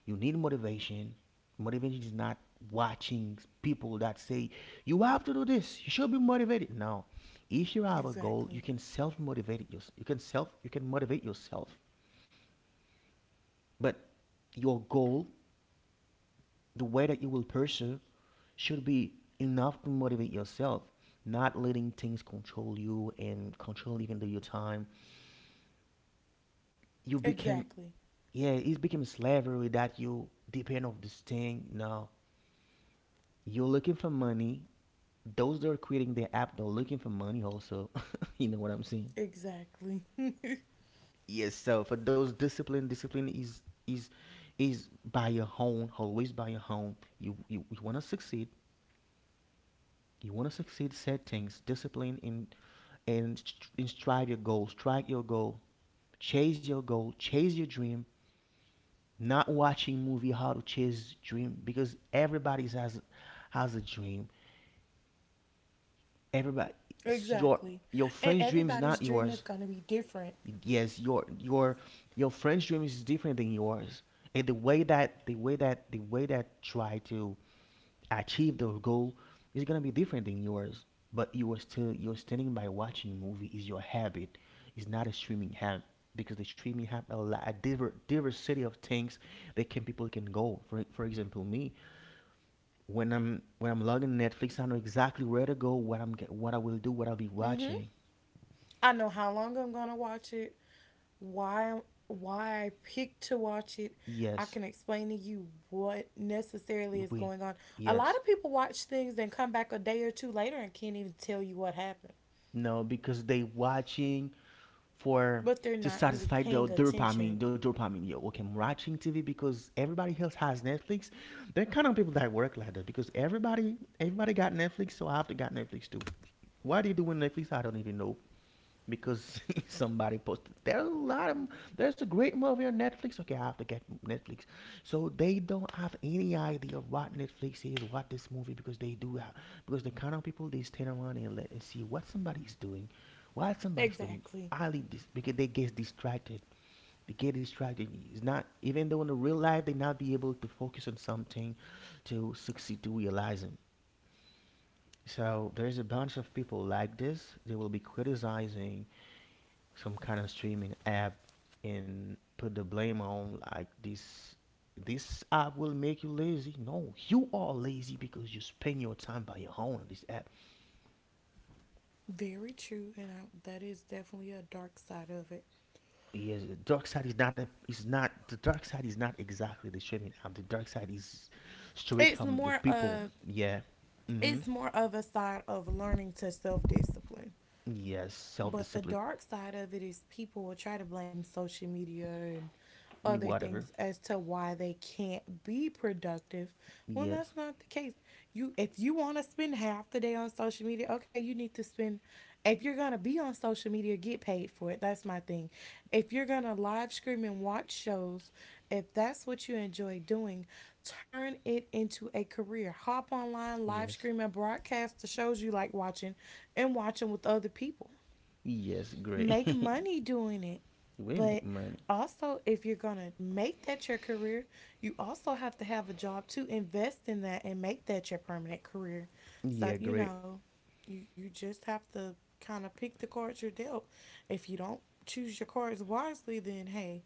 Speaker 2: you need motivation. Motivation is not watching people that say you have to do this, you should be motivated. No, if you have a goal you
Speaker 1: Exactly.
Speaker 2: can self motivate it yourself, you can self you can motivate yourself but your goal, the way that you will pursue should be enough to motivate yourself, not letting things control you and control even though your time. You became,
Speaker 1: Exactly.
Speaker 2: yeah, it's became a slavery that you depend on this thing. No, you're looking for money. Those that are creating the app, they're looking for money also. You know what I'm saying?
Speaker 1: Exactly.
Speaker 2: Yes. So for those discipline, discipline is is is by your own, always by your own. You want to succeed. You want to succeed. Set things, discipline, and and strive your goal. Strike your goal. Chase your goal, chase your dream, not watching movie how to chase dream because everybody has a dream. Everybody
Speaker 1: Exactly.
Speaker 2: your
Speaker 1: And everybody's
Speaker 2: friend's
Speaker 1: dream
Speaker 2: dream
Speaker 1: is
Speaker 2: is not
Speaker 1: gonna be
Speaker 2: yours.
Speaker 1: different.
Speaker 2: Yes, your friend's dream is different than yours. And the way that the way that the way that try to achieve those goal is gonna be different than yours. But you are still you're standing by watching movie is your habit. It's not a streaming habit because the streaming have a lot a diversity of things that can people can go. For example, me when I'm logging Netflix, I know exactly where to go, what I will do, what I'll be
Speaker 1: Mm-hmm.
Speaker 2: watching.
Speaker 1: I know how long I'm gonna watch it, why why I picked to watch it. I
Speaker 2: Yes,
Speaker 1: can explain to you what necessarily is
Speaker 2: we,
Speaker 1: going on. A lot
Speaker 2: yes,
Speaker 1: of people watch things and come back a day or two later and can't even tell you what happened,
Speaker 2: no, because they watching for
Speaker 1: but they're
Speaker 2: to
Speaker 1: not really
Speaker 2: satisfy the
Speaker 1: paying attention.
Speaker 2: dopamine, the dopamine. Yo, okay, I'm watching TV because everybody else has Netflix. They're kind of people that work like that because everybody, everybody got Netflix, so I have to got Netflix too. Why they doing Netflix? I don't even know because somebody posted there's a great movie on Netflix, okay I have to get Netflix, so they don't have any idea of what Netflix is, what this movie, because they do have because the kind of people they stand around and let and see what somebody's doing
Speaker 1: Exactly.
Speaker 2: highly this because they get distracted, it's not even though in the real life they not be able to focus on something to succeed to realize it. So there's a bunch of people like this, they will be criticizing some kind of streaming app and put the blame on like this app will make you lazy. No, you are lazy because you spend your time by your own on this app.
Speaker 1: Very true, that is definitely a dark side of it.
Speaker 2: Yes, the dark side is not a, is not the dark side is not exactly the streaming app. The dark side is straight
Speaker 1: It's
Speaker 2: from the
Speaker 1: more
Speaker 2: people.
Speaker 1: of
Speaker 2: Yeah. Mm-hmm.
Speaker 1: it's more of a side of learning to self discipline.
Speaker 2: Yes. Self
Speaker 1: But the
Speaker 2: discipline.
Speaker 1: dark side of it is people will try to blame social media and other
Speaker 2: Whatever.
Speaker 1: things as to why they can't be productive when
Speaker 2: Yes.
Speaker 1: that's not the case. You, if you want to spend half the day on social media, okay, you need to spend if you're going to be on social media, get paid for it. That's my thing. If you're going to live stream and watch shows, if that's what you enjoy doing, turn it into a career. Hop online, live
Speaker 2: Yes.
Speaker 1: stream and broadcast the shows you like watching and watching with other people,
Speaker 2: Yes. Great.
Speaker 1: make money doing it.
Speaker 2: We make
Speaker 1: But
Speaker 2: money.
Speaker 1: also, if you're going to make that your career, you also have to have a job to invest in that and make that your permanent career.
Speaker 2: Yeah.
Speaker 1: So, you
Speaker 2: Great.
Speaker 1: know, you just have to kind of pick the cards you're dealt. If you don't choose your cards wisely, then hey,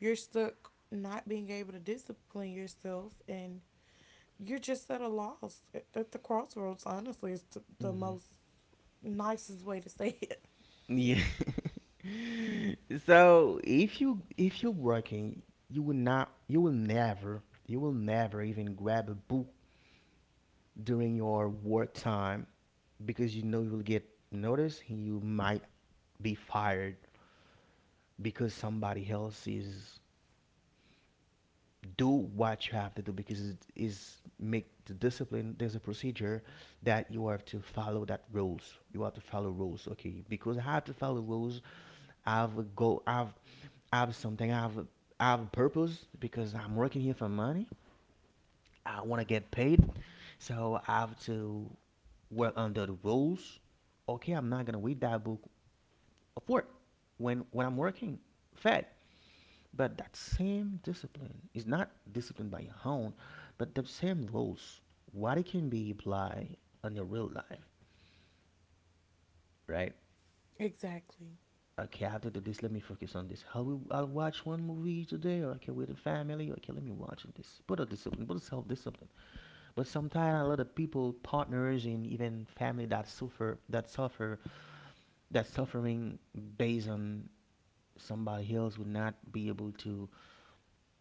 Speaker 1: you're stuck not being able to discipline yourself, and you're just at a loss at, the crossroads, honestly. It's the
Speaker 2: Mm-hmm.
Speaker 1: most nicest way to say it.
Speaker 2: Yeah. So if you're working, you will never even grab a book during your work time because you know you'll get noticed and you might be fired because somebody else is do what you have to do because it is make the discipline, there's a procedure that you have to follow, that rules you have to follow rules, okay because I have to follow rules, i've go i've I have something. I have a purpose because I'm working here for money. I want to get paid, so I have to work under the rules. Okay, I'm not gonna read that book of work when I'm working fed. But that same discipline is not disciplined by your own, but the same rules. What it can be applied on your real life, right?
Speaker 1: Exactly.
Speaker 2: Okay, I have to do this. Let me focus on this. I'll watch one movie today. Or okay, with the family. Okay, let me watch this. Put a discipline. Put a self discipline. But sometimes a lot of people, partners, and even family that suffer, that suffering based on somebody else would not be able to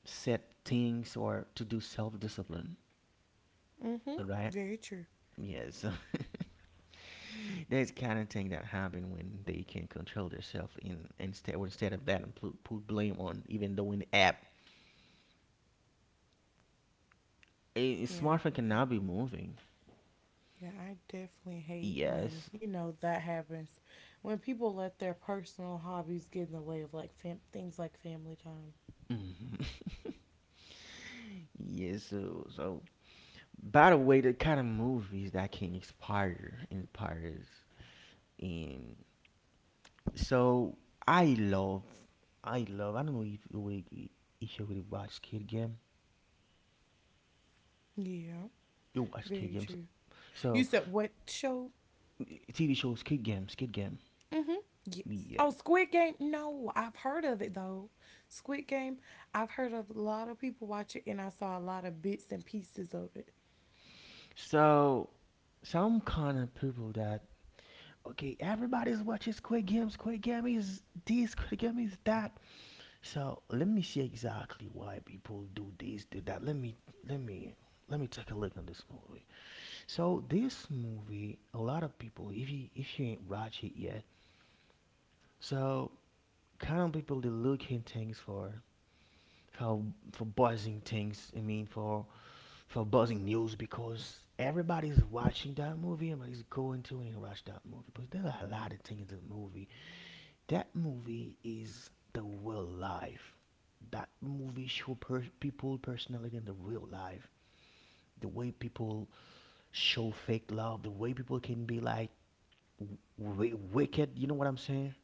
Speaker 2: set things or to do self-discipline.
Speaker 1: Mm-hmm.
Speaker 2: All right?
Speaker 1: Very true.
Speaker 2: Yes. That's kind of thing that happen when they can't control themselves, and instead of that, and put blame on even though in the app, a
Speaker 1: Yeah.
Speaker 2: smartphone
Speaker 1: I-
Speaker 2: cannot be moving.
Speaker 1: Yeah, I definitely hate when,
Speaker 2: Yes.
Speaker 1: you know, that happens. When people let their personal hobbies get in the way of like things like family time.
Speaker 2: Mhm. Yes. So by the way, the kind of movies that can inspires in so I love I love I don't know if you would watch Kid Game.
Speaker 1: Yeah.
Speaker 2: You watch Kid
Speaker 1: Very
Speaker 2: Games.
Speaker 1: true. You
Speaker 2: So
Speaker 1: said what show?
Speaker 2: TV shows Kid Game, Kid Game.
Speaker 1: Mm-hmm. Yes.
Speaker 2: Yeah.
Speaker 1: Oh, Squid Game. No, I've heard of it though. Squid Game. I've heard of a lot of people watch it and I saw a lot of bits and pieces of it.
Speaker 2: So some kind of people that okay, everybody's watching Squid Game, Squid Game is this, Squid Game is that. So let me see exactly why people do this, do that. Let me Let me take a look on this movie. So this movie, a lot of people, if you ain't watch it yet, so kind of people they looking things for for for buzzing things. I mean for buzzing news because everybody's watching that movie. Everybody's going to and watch that movie. But there are a lot of things in the movie. That movie is the real life. That movie show people personality in the real life. The way people show fake love, the way people can be like wicked. You know what I'm saying?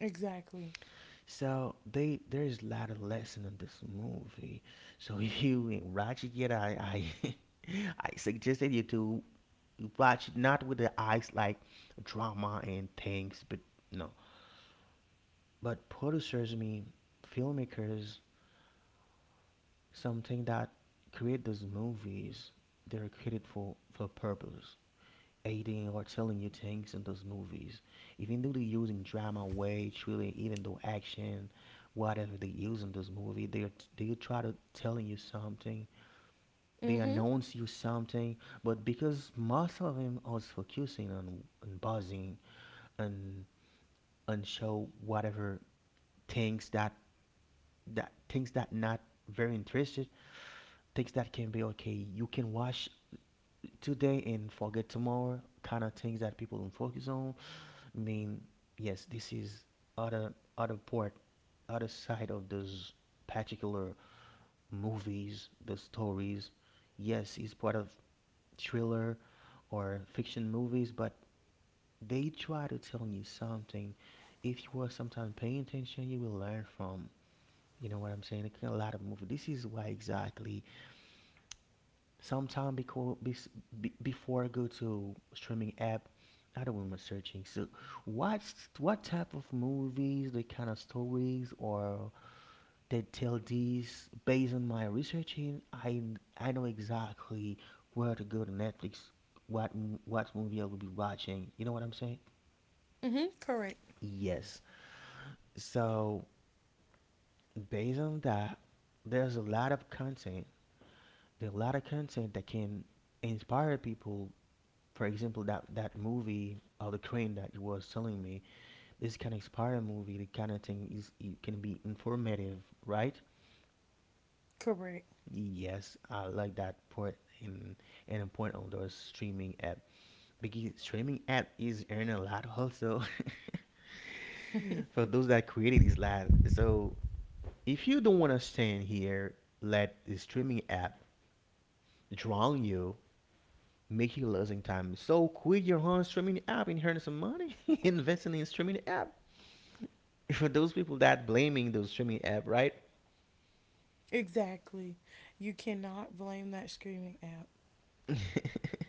Speaker 1: Exactly.
Speaker 2: So they there is a lot of lesson in this movie. So if you ain't watch it yet, I, I suggested you to watch it not with the eyes like drama and things, but no. But producers, I mean, filmmakers, something that create those movies, they're created for purpose. Aiding or telling you things in those movies. Even though they using drama, way, thriller, even though action, whatever they use in those movies, they try to telling you something. They
Speaker 1: Mm-hmm.
Speaker 2: announce you something, but because most of them are focusing on buzzing and and show whatever things that things that not very interested, things that can be okay you can watch today and forget tomorrow, kind of things that people don't focus on. I mean, yes, this is other part, other side of those particular movies, the stories. Yes, it's part of thriller or fiction movies, but they try to tell you something. If you are sometimes paying attention, you will learn from. You know what I'm saying? A lot of movies. This is why exactly sometime before I go to streaming app, I do not remember searching. So, what what type of movies, the kind of stories, or they tell these based on my researching, I know exactly where to go to Netflix, what what movie I will be watching. You know what I'm saying?
Speaker 1: Mm-hmm. Correct.
Speaker 2: Yes. So based on that, there's a lot of content. There's a lot of content that can inspire people, for example, that movie of the crane that you was telling me. This can inspire a movie. The kind of thing is it can be informative, right?
Speaker 1: Correct.
Speaker 2: Yes, I like that point in and a point on those streaming app, because streaming app is earning a lot also for those that created this lab. So if you don't want to stand here, let the streaming app drown you. Make you losing time. So quit your own streaming app and earn some money. Investing in streaming app for those people that blaming those streaming app, right?
Speaker 1: Exactly. You cannot blame that screaming app.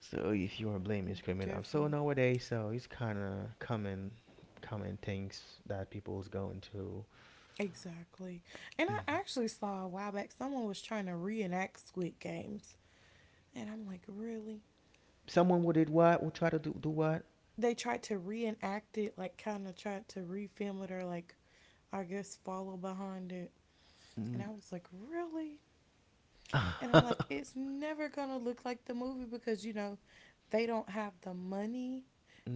Speaker 2: So if you are blaming
Speaker 1: You could
Speaker 2: streaming app, so
Speaker 1: definitely.
Speaker 2: nowadays, so it's kind of common, common things that people's going to.
Speaker 1: Exactly. And I
Speaker 2: Mhm.
Speaker 1: actually saw a while back someone was trying to reenact Squid Games. And I'm like, really?
Speaker 2: Someone who did what? Will try to do what?
Speaker 1: They tried to reenact it, like, kind of tried to refilm it, or, like, I guess follow behind it. And
Speaker 2: Mm.
Speaker 1: I was like, really? And I'm like, it's never gonna look like the movie, because you know, they don't have the money,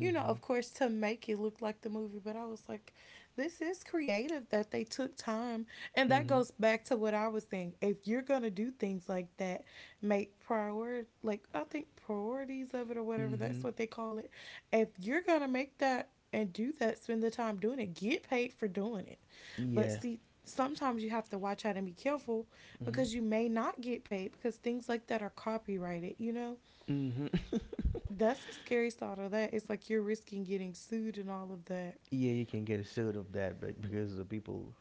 Speaker 1: you know, of course, to make it look like the movie. But I was like, this is creative, that they took time. And that
Speaker 2: Mhm.
Speaker 1: goes back to what I was saying. If you're gonna do things like that, make priority, like I think priorities of it or whatever, that's
Speaker 2: Mhm.
Speaker 1: what they call it. If you're gonna make that and do that, spend the time doing it, get paid for doing it. But
Speaker 2: Yeah.
Speaker 1: see, sometimes you have to watch out and be careful,
Speaker 2: Mhm.
Speaker 1: because you may not get paid because things like that are copyrighted, you know?
Speaker 2: Mhm.
Speaker 1: That's the scary thought of that. It's like you're risking getting sued and all of that.
Speaker 2: Yeah, you can get sued of that, but because the people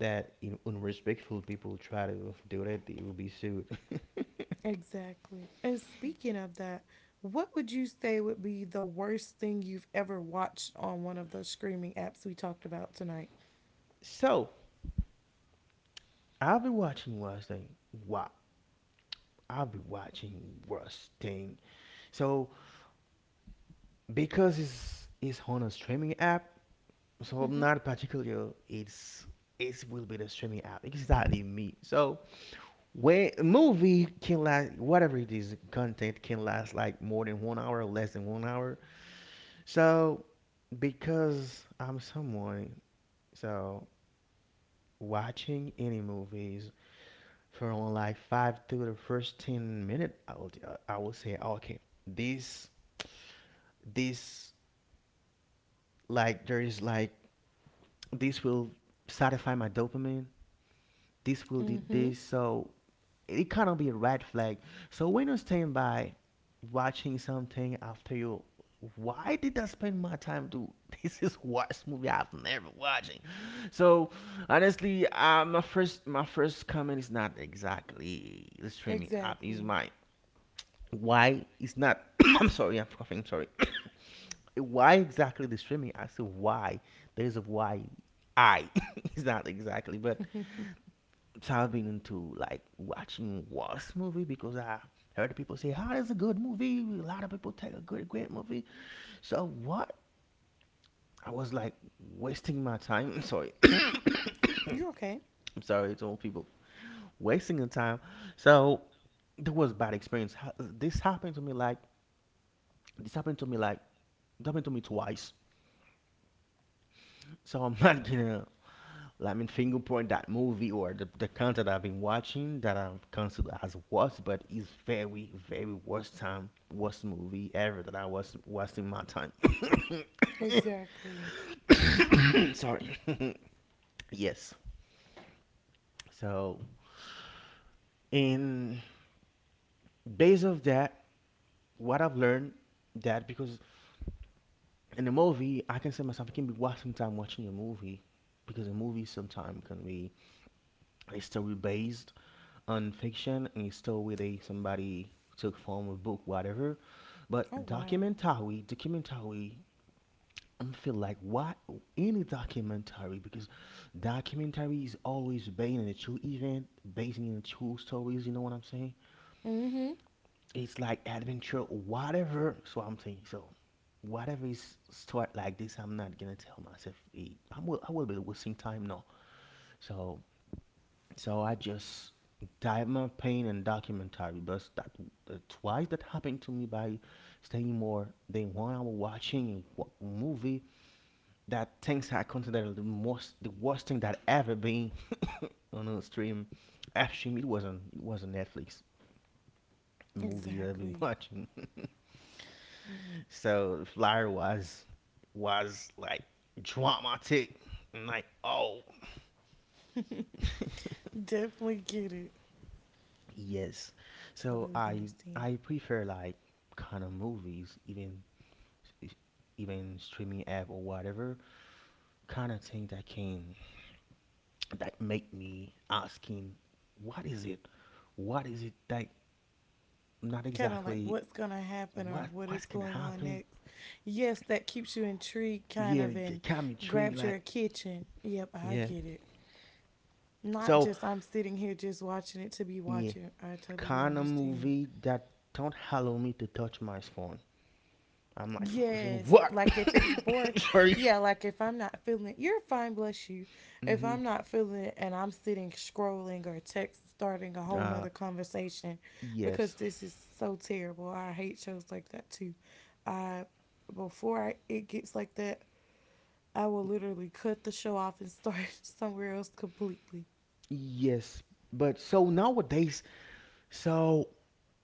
Speaker 2: that you know, unrespectful people try to do that, they will be sued.
Speaker 1: Exactly. And speaking of that, what would you say would be the worst thing you've ever watched on one of those streaming apps we talked about tonight?
Speaker 2: So I'll be watching worst thing. Wow, I'll be watching worst thing. So because it's on a streaming app, so I'm
Speaker 1: Mm-hmm.
Speaker 2: not particular. It will be the streaming app exactly me. So when a movie can last, whatever it is, content can last like more than 1 hour, less than 1 hour. So because I'm someone, so watching any movies for only like five to the first 10 minute, I will say okay, this this like there is like this will satisfy my dopamine. This will do
Speaker 1: Mm-hmm.
Speaker 2: this, so it kind of be a red flag. So when you stand by watching something, after you, why did I spend my time to this is worst movie I've never watching. So honestly, my first comment is not exactly the streaming app. Is
Speaker 1: Exactly.
Speaker 2: my, why it's not. I'm sorry. Yeah, I'm coughing, sorry. Why exactly the streaming? I said why. There's a why. I it's not exactly, but so I've been into like watching worse movie because I heard people say, oh, it's a good movie, a lot of people take a good great movie, so what? I was like wasting my time. I'm sorry.
Speaker 1: You're
Speaker 2: I'm
Speaker 1: okay.
Speaker 2: sorry to all people wasting the time. So there was bad experience. This happened to me like this happened to me like it happened to me twice. So I'm not gonna, I mean, finger point that movie or the content I've been watching that I've considered as worst, but it's very, very worst time, worst movie ever that I was wasting my time.
Speaker 1: Exactly.
Speaker 2: Sorry. Yes. So, in base of that, what I've learned, that because in a movie, I can say myself, I can be wasting time watching a movie because a movie sometimes can be a story based on fiction, a story they somebody took from a book, whatever.
Speaker 1: Oh
Speaker 2: But
Speaker 1: wow.
Speaker 2: documentary, I feel like what, any documentary, because documentary is always based on a true event, based on true stories. You know what I'm saying?
Speaker 1: Mm-hmm.
Speaker 2: It's like adventure, whatever. So I'm saying so. Whatever is start like this, I'm not gonna tell myself, I will. I will be wasting time now. So So I just died my pain and documentary. But that twice that happened to me by staying more than 1 hour watching a movie, that things I consider the most, the worst thing that ever been on a stream. Actually, it wasn't it was a Netflix movie that I've been
Speaker 1: Exactly.
Speaker 2: watching. So the flyer was like dramatic and like, oh.
Speaker 1: Definitely get it.
Speaker 2: Yes. So
Speaker 1: Totally
Speaker 2: I
Speaker 1: understand.
Speaker 2: I prefer like kind of movies, even streaming app or whatever, kind of thing that can, that make me asking, what is it? What is it that, not
Speaker 1: Kind of like
Speaker 2: exactly,
Speaker 1: what's going to happen or
Speaker 2: what
Speaker 1: what
Speaker 2: what's
Speaker 1: is
Speaker 2: gonna
Speaker 1: going on
Speaker 2: happen?
Speaker 1: next. Yes, that keeps you intrigued, kind
Speaker 2: Yeah,
Speaker 1: of, and
Speaker 2: it can be tricked
Speaker 1: grabs your
Speaker 2: like,
Speaker 1: attention. Yep, I
Speaker 2: yeah.
Speaker 1: get it. Not
Speaker 2: So
Speaker 1: just I'm sitting here just watching it to be
Speaker 2: yeah,
Speaker 1: watching. I totally
Speaker 2: kind of
Speaker 1: understand.
Speaker 2: movie that don't allow me to touch my phone. I'm like focusing
Speaker 1: Yes,
Speaker 2: what?
Speaker 1: like if it's bored,
Speaker 2: Sorry.
Speaker 1: yeah, like if I'm not feeling, you're fine, bless you. If
Speaker 2: Hmm.
Speaker 1: I'm not feeling it and I'm sitting scrolling or text starting a whole
Speaker 2: Uh
Speaker 1: nother conversation
Speaker 2: yes.
Speaker 1: because this is so terrible. I hate shows like that too. I it gets like that, I will literally cut the show off and start somewhere else completely.
Speaker 2: Yes, but so nowadays, so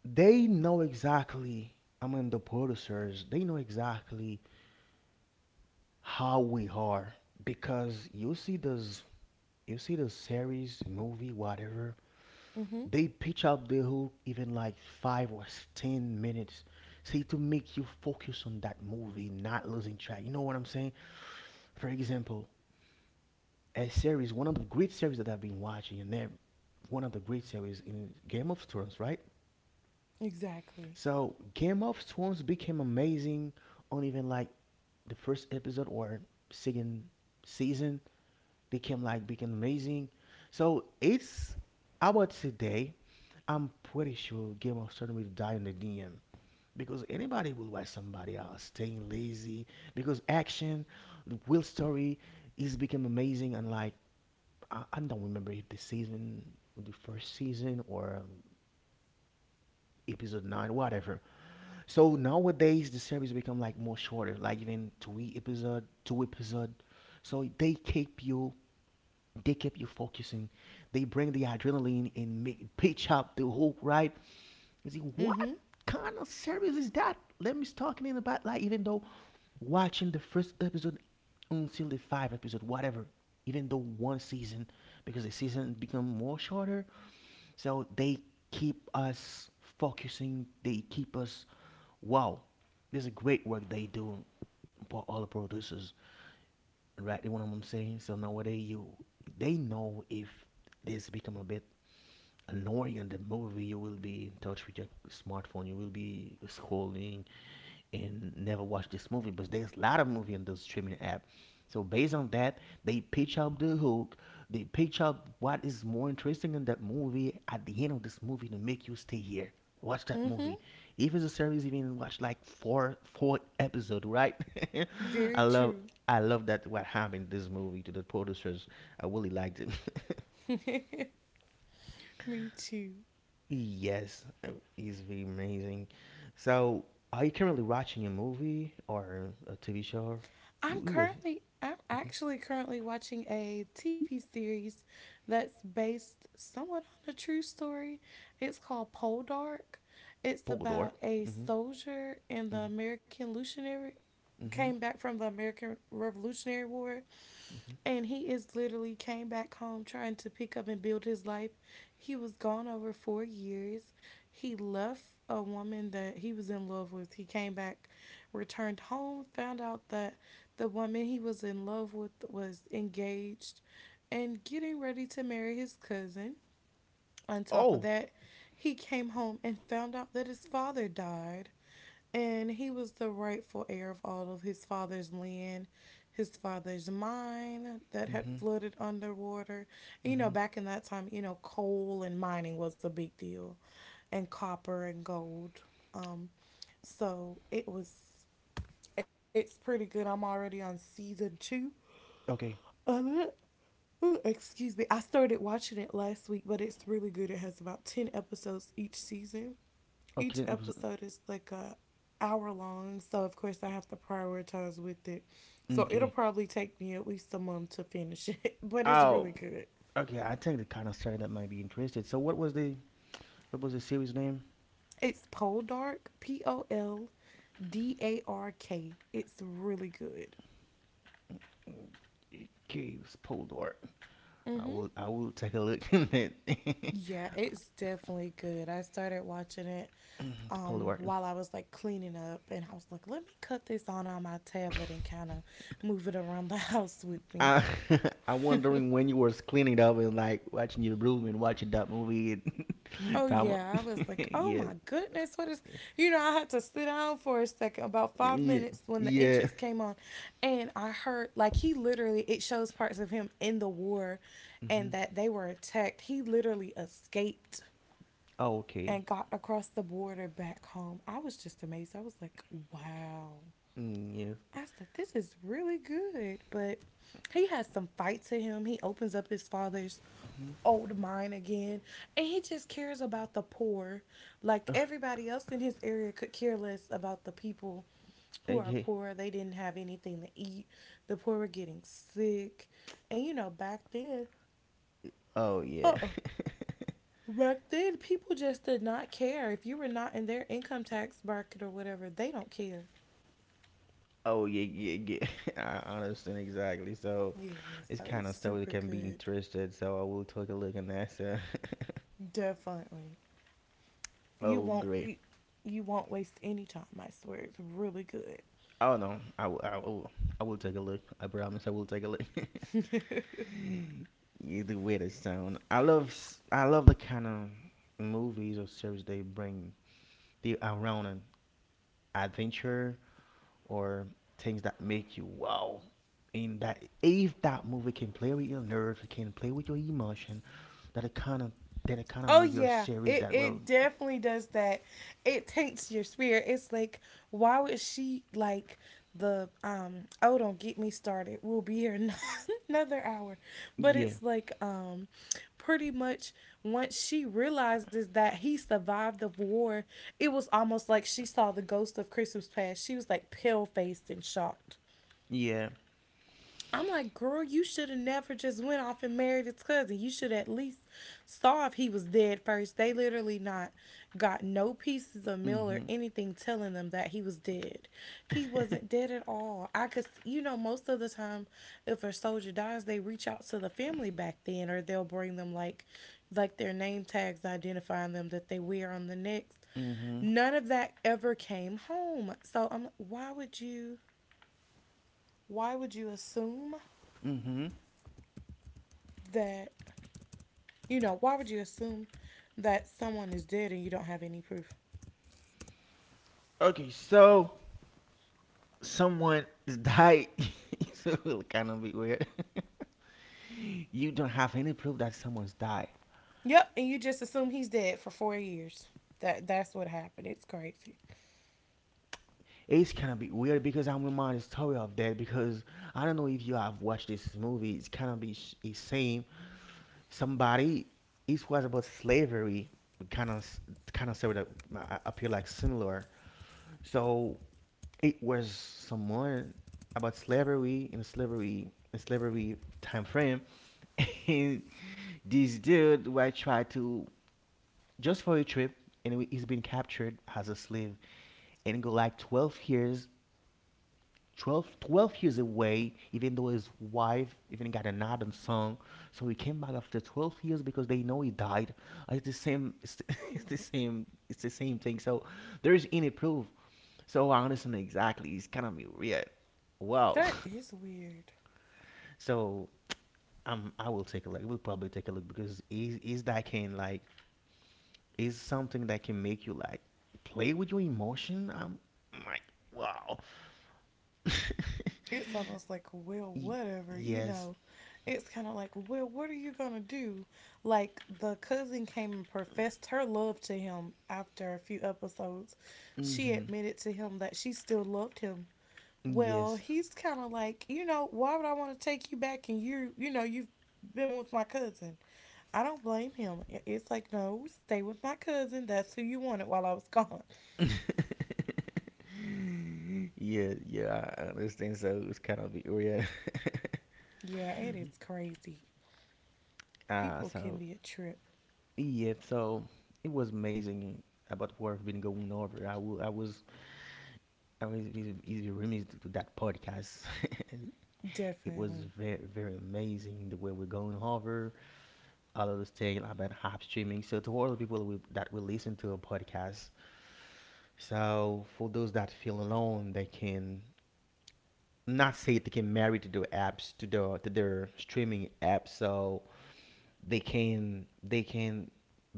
Speaker 2: they know exactly. I mean, the producers, they know exactly how we are, because you see those, you see the series, movie, whatever.
Speaker 1: Mm-hmm.
Speaker 2: They pitch up the hook even like 5 or 10 minutes, see, to make you focus on that movie, not losing track. You know what I'm saying? For example, a series, one of the great series that I've been watching, and then one of the great series in Game of Thrones, right?
Speaker 1: Exactly.
Speaker 2: So Game of Thrones became amazing on even like the first episode or second season, became amazing. So it's about today. I'm pretty sure Game of Thrones will die in the DM because anybody will watch somebody else staying lazy, because action, the will story is become amazing and like, I don't remember if the season, the first season or episode nine, whatever. So nowadays the series become like more shorter, like even two episode, two episode. So they keep you focusing. They bring the adrenaline and make pitch up the hook, right? You see what
Speaker 1: Mm-hmm.
Speaker 2: kind of series is that? Let me start talking in about like, even though watching the first episode until the five episode, whatever. Even though one season, because the season become more shorter, so they keep us focusing. They keep us, wow, this is great work they do for all the producers. Right, you know what I'm saying? So nowadays, you they know if this become a bit annoying in the movie, you will be in touch with your smartphone, you will be scrolling and never watch this movie. But there's a lot of movie in those streaming app, so based on that they pitch up the hook, they pitch up what is more interesting in that movie at the end of this movie, to make you stay here, watch that
Speaker 1: Mm-hmm.
Speaker 2: movie. If it's a series, even watch like four episode, right?
Speaker 1: Very
Speaker 2: i love
Speaker 1: true.
Speaker 2: I love that what happened this movie to the producers. I really liked it.
Speaker 1: Me too.
Speaker 2: Yes, he's very amazing. So, are you currently watching a movie or a TV show? You, you was.
Speaker 1: I'm
Speaker 2: Mm-hmm.
Speaker 1: actually currently watching a TV series that's based somewhat on a true story. It's called Pole Dark. It's
Speaker 2: Polkador.
Speaker 1: about a
Speaker 2: Mm-hmm.
Speaker 1: soldier in the
Speaker 2: Mm-hmm.
Speaker 1: American Revolutionary
Speaker 2: Mm-hmm.
Speaker 1: came back from the American Revolutionary War
Speaker 2: Mm-hmm.
Speaker 1: and he is literally came back home trying to pick up and build his life. He was gone over 4 years. He left a woman that he was in love with. He came back, returned home, found out that the woman he was in love with was engaged and getting ready to marry his cousin. On top of
Speaker 2: Oh.
Speaker 1: that, he came home and found out that his father died and he was the rightful heir of all of his father's land, his father's mine that had
Speaker 2: Mm-hmm.
Speaker 1: flooded underwater. And, you know,
Speaker 2: Mm-hmm.
Speaker 1: back in that time, you know, coal and mining was a big deal, and copper and gold. Um, so it was, it's pretty good. I'm already on season two
Speaker 2: Okay.
Speaker 1: of it. Ooh, excuse me. I started watching it last week, but it's really good. It has about 10 episodes each season,
Speaker 2: Okay.
Speaker 1: each
Speaker 2: Then it was
Speaker 1: episode is like a hour long, so of course I have to prioritize with it. So it'll
Speaker 2: okay.
Speaker 1: probably take me at least a month to finish it, but it's
Speaker 2: Oh.
Speaker 1: really good.
Speaker 2: Okay. I think the kind of story that might be interested. So, what was the, series name?
Speaker 1: It's Poldark, P O L D A R K. It's really good.
Speaker 2: Okay, it was Polkador. I will take a look at it.
Speaker 1: Yeah, it's definitely good. I started watching it
Speaker 2: Polkador.
Speaker 1: while I was like cleaning up and I was like, let me cut this on my tablet and kind of move it around the house with me.
Speaker 2: I, I'm wondering when you was cleaning up and like watching your room and watching that movie. And
Speaker 1: Oh
Speaker 2: time,
Speaker 1: yeah, I was like, oh
Speaker 2: yeah,
Speaker 1: my goodness, what is? You know, I had to sit down for a second, about five
Speaker 2: yeah,
Speaker 1: minutes, when the
Speaker 2: yeah.
Speaker 1: entrance came on, and I heard like he literally it shows parts of him in the war, and
Speaker 2: Hmm.
Speaker 1: that they were attacked. He literally escaped
Speaker 2: Oh, okay.
Speaker 1: and got across the border back home. I was just amazed. I was like, wow.
Speaker 2: Mm,
Speaker 1: I said, this is really good. But he has some fight to him. He opens up his father's
Speaker 2: yes. Hmm.
Speaker 1: old mind again. And he just cares about the poor. Like everybody else in his area could care less about the people who are
Speaker 2: Okay.
Speaker 1: poor. They didn't have anything to eat. The poor were getting sick. And you know, back then,
Speaker 2: Oh yeah.
Speaker 1: uh uh back then, people just did not care. If you were not in their income tax bracket or whatever, they don't care.
Speaker 2: Oh yeah, yeah, yeah. I understand exactly. So
Speaker 1: Yeah,
Speaker 2: it's
Speaker 1: so
Speaker 2: kind
Speaker 1: it's
Speaker 2: of stuff that
Speaker 1: super
Speaker 2: can be
Speaker 1: good.
Speaker 2: interested. So I will take a look at that. So.
Speaker 1: Definitely. You
Speaker 2: Oh
Speaker 1: won't
Speaker 2: great.
Speaker 1: be you won't waste any time, I swear. It's really good.
Speaker 2: Oh no, I will take a look. I promise I will take a look. Yeah, the way they sound. I love I love the kind of movies or series they bring. They around an adventure or things that make you wow. And that if that movie can play with your nerves, it can play with your emotion, that it kind of, that it kind of
Speaker 1: Oh
Speaker 2: movie or
Speaker 1: yeah,
Speaker 2: series that will.
Speaker 1: it definitely does that. It taints your spirit. It's like why would she like the um oh don't get me started. We'll be here another hour. But
Speaker 2: Yeah,
Speaker 1: it's like pretty much once she realizes that he survived the war, it was almost like she saw the ghost of Christmas past. She was like pale faced and shocked.
Speaker 2: yeah.
Speaker 1: I'm like, girl, you should have never just went off and married his cousin. You should at least saw if he was dead first. They literally not got no pieces of mail or
Speaker 2: Mhm.
Speaker 1: anything telling them that he was dead. He wasn't dead at all. I could, you know, most of the time, if a soldier dies, they reach out to the family back then, or they'll bring them like their name tags identifying them that they wear on the necks.
Speaker 2: Mhm.
Speaker 1: None of that ever came home. So I'm, why would you? Why would you assume
Speaker 2: Mhm.
Speaker 1: that you know, why would you assume that someone is dead and you don't have any proof?
Speaker 2: Okay, so someone is died. So it'll kind of be weird. You don't have any proof that someone's died.
Speaker 1: Yep, and you just assume he's dead for 4 years. That's what happened. It's crazy.
Speaker 2: It's kind of be weird because I'm reminded story of that, because I don't know if you have watched this movie. It's kind of be it's saying, somebody, it was about slavery, kind of, story that, appear like similar. So it was someone about slavery, in a slavery, in slavery time frame, and this dude who I tried to, just for a trip, and he's been captured as a slave and go like 12 years. Twelve years away, even though his wife even got an Adam song. So he came back after 12 years because they know he died. It's the same, it's the, it's the same thing. So there is any proof. So I understand exactly. It's kind of weird. Wow.
Speaker 1: That is weird.
Speaker 2: So I will take a look. We'll probably take a look because is that can like, is something that can make you like play with your emotion. I'm like, wow.
Speaker 1: It's almost like, well, whatever, you
Speaker 2: Yes.
Speaker 1: know. It's kind of like, well, what are you gonna do? Like the cousin came and professed her love to him after a few episodes.
Speaker 2: Mm
Speaker 1: She
Speaker 2: hmm.
Speaker 1: admitted to him that she still loved him. Well,
Speaker 2: Yes.
Speaker 1: he's kind of like, you know, why would I want to take you back and you know, you've been with my cousin? I don't blame him. It's like, no, stay with my cousin. That's who you wanted while I was gone.
Speaker 2: Yeah, yeah, I understand. So it's kind of weird.
Speaker 1: Yeah, it is crazy.
Speaker 2: Ah,
Speaker 1: People
Speaker 2: so
Speaker 1: can be a trip.
Speaker 2: yeah, so it was amazing about what I been going over. I will. I was easy remiss to that podcast. It was
Speaker 1: Definitely.
Speaker 2: very very amazing the way we're going over all of this thing about hop streaming. So to all the people that will listen to a podcast, so for those that feel alone, they can not say, they can marry to their apps, to their streaming apps, so they can,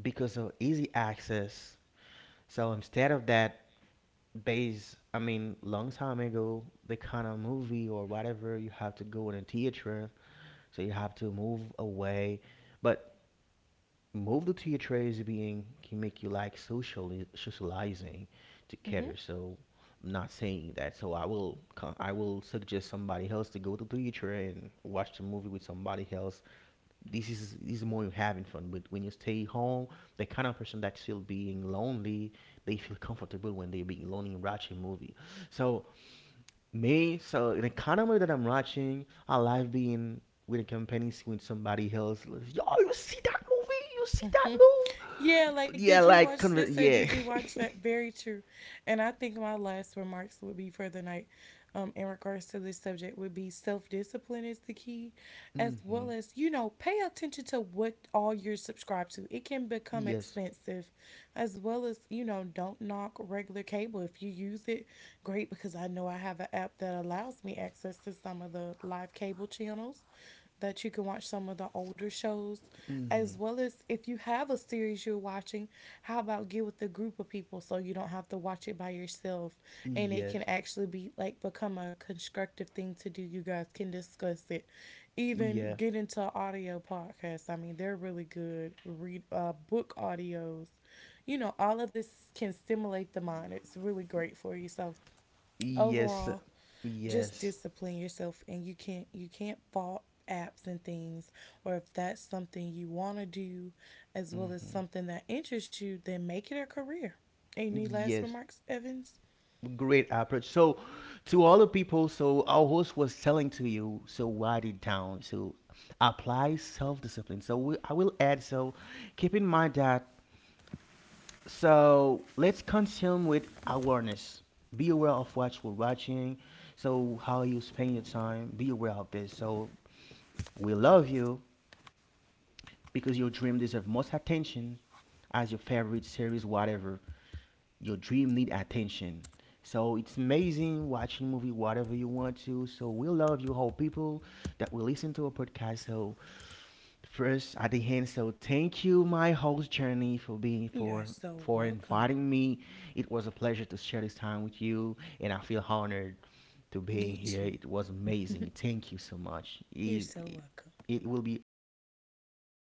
Speaker 2: because of easy access. So instead of that, base, I mean, long time ago the kind of movie or whatever, you have to go in a theater, so you have to move away. But moved to your trades being can make you like socializing together. So I'm not saying that. So I will suggest somebody else to go to theater and watch the movie with somebody else. This is more you having fun. But when you stay home, the kind of person that's still being lonely, they feel comfortable when they're being lonely and watching a movie. So me, so the economy that I'm watching, I like being with a company, seeing somebody else like, yo, you see that movie, you see that
Speaker 1: Hmm. Yeah,
Speaker 2: move,
Speaker 1: like, did
Speaker 2: yeah,
Speaker 1: you
Speaker 2: like,
Speaker 1: watch this or did
Speaker 2: yeah.
Speaker 1: you watch that? Very true. And I think my last remarks would be for the night in regards to this subject would be self discipline is the key, as well
Speaker 2: Mm-hmm.
Speaker 1: as, you know, pay attention to what all you're subscribed to. It can become
Speaker 2: Yes.
Speaker 1: expensive, as well as, you know, don't knock regular cable. If you use it, great, because I know I have an app that allows me access to some of the live cable channels that you can watch some of the older shows,
Speaker 2: Mm-hmm.
Speaker 1: as well as if you have a series you're watching, how about get with a group of people so you don't have to watch it by yourself, and it can
Speaker 2: Yes.
Speaker 1: actually be like become a constructive thing to do. You guys can discuss it, even
Speaker 2: Yeah.
Speaker 1: get into audio podcasts. I mean, they're really good read, book audios, you know, all of this can stimulate the mind. It's really great for you. So
Speaker 2: Yes.
Speaker 1: overall, just
Speaker 2: Yes.
Speaker 1: discipline yourself and you can't fault apps and things, or if that's something you want to do, as well as
Speaker 2: Mm-hmm.
Speaker 1: something that interests you, then make it a career. Any last
Speaker 2: Yes,
Speaker 1: remarks, Evans?
Speaker 2: great approach. So to all the people, so our host was telling to you, so write it down, so apply self-discipline. So we, I will add, so keep in mind that, so let's consume with awareness. Be aware of what you're watching, so how you spend your time, be aware of this. So we love you, because your dream deserves most attention. As your favorite series, whatever, your dream need attention. So it's amazing watching movie whatever you want to. So we love you all people that will listen to our podcast. So first at the end, so thank you my host Journey for being,
Speaker 1: You're
Speaker 2: for
Speaker 1: so welcome.
Speaker 2: inviting me. It was a pleasure to share this time with you and I feel honored to being
Speaker 1: You
Speaker 2: here.
Speaker 1: too.
Speaker 2: It was amazing. Thank you so much.
Speaker 1: You're so welcome.
Speaker 2: It will be always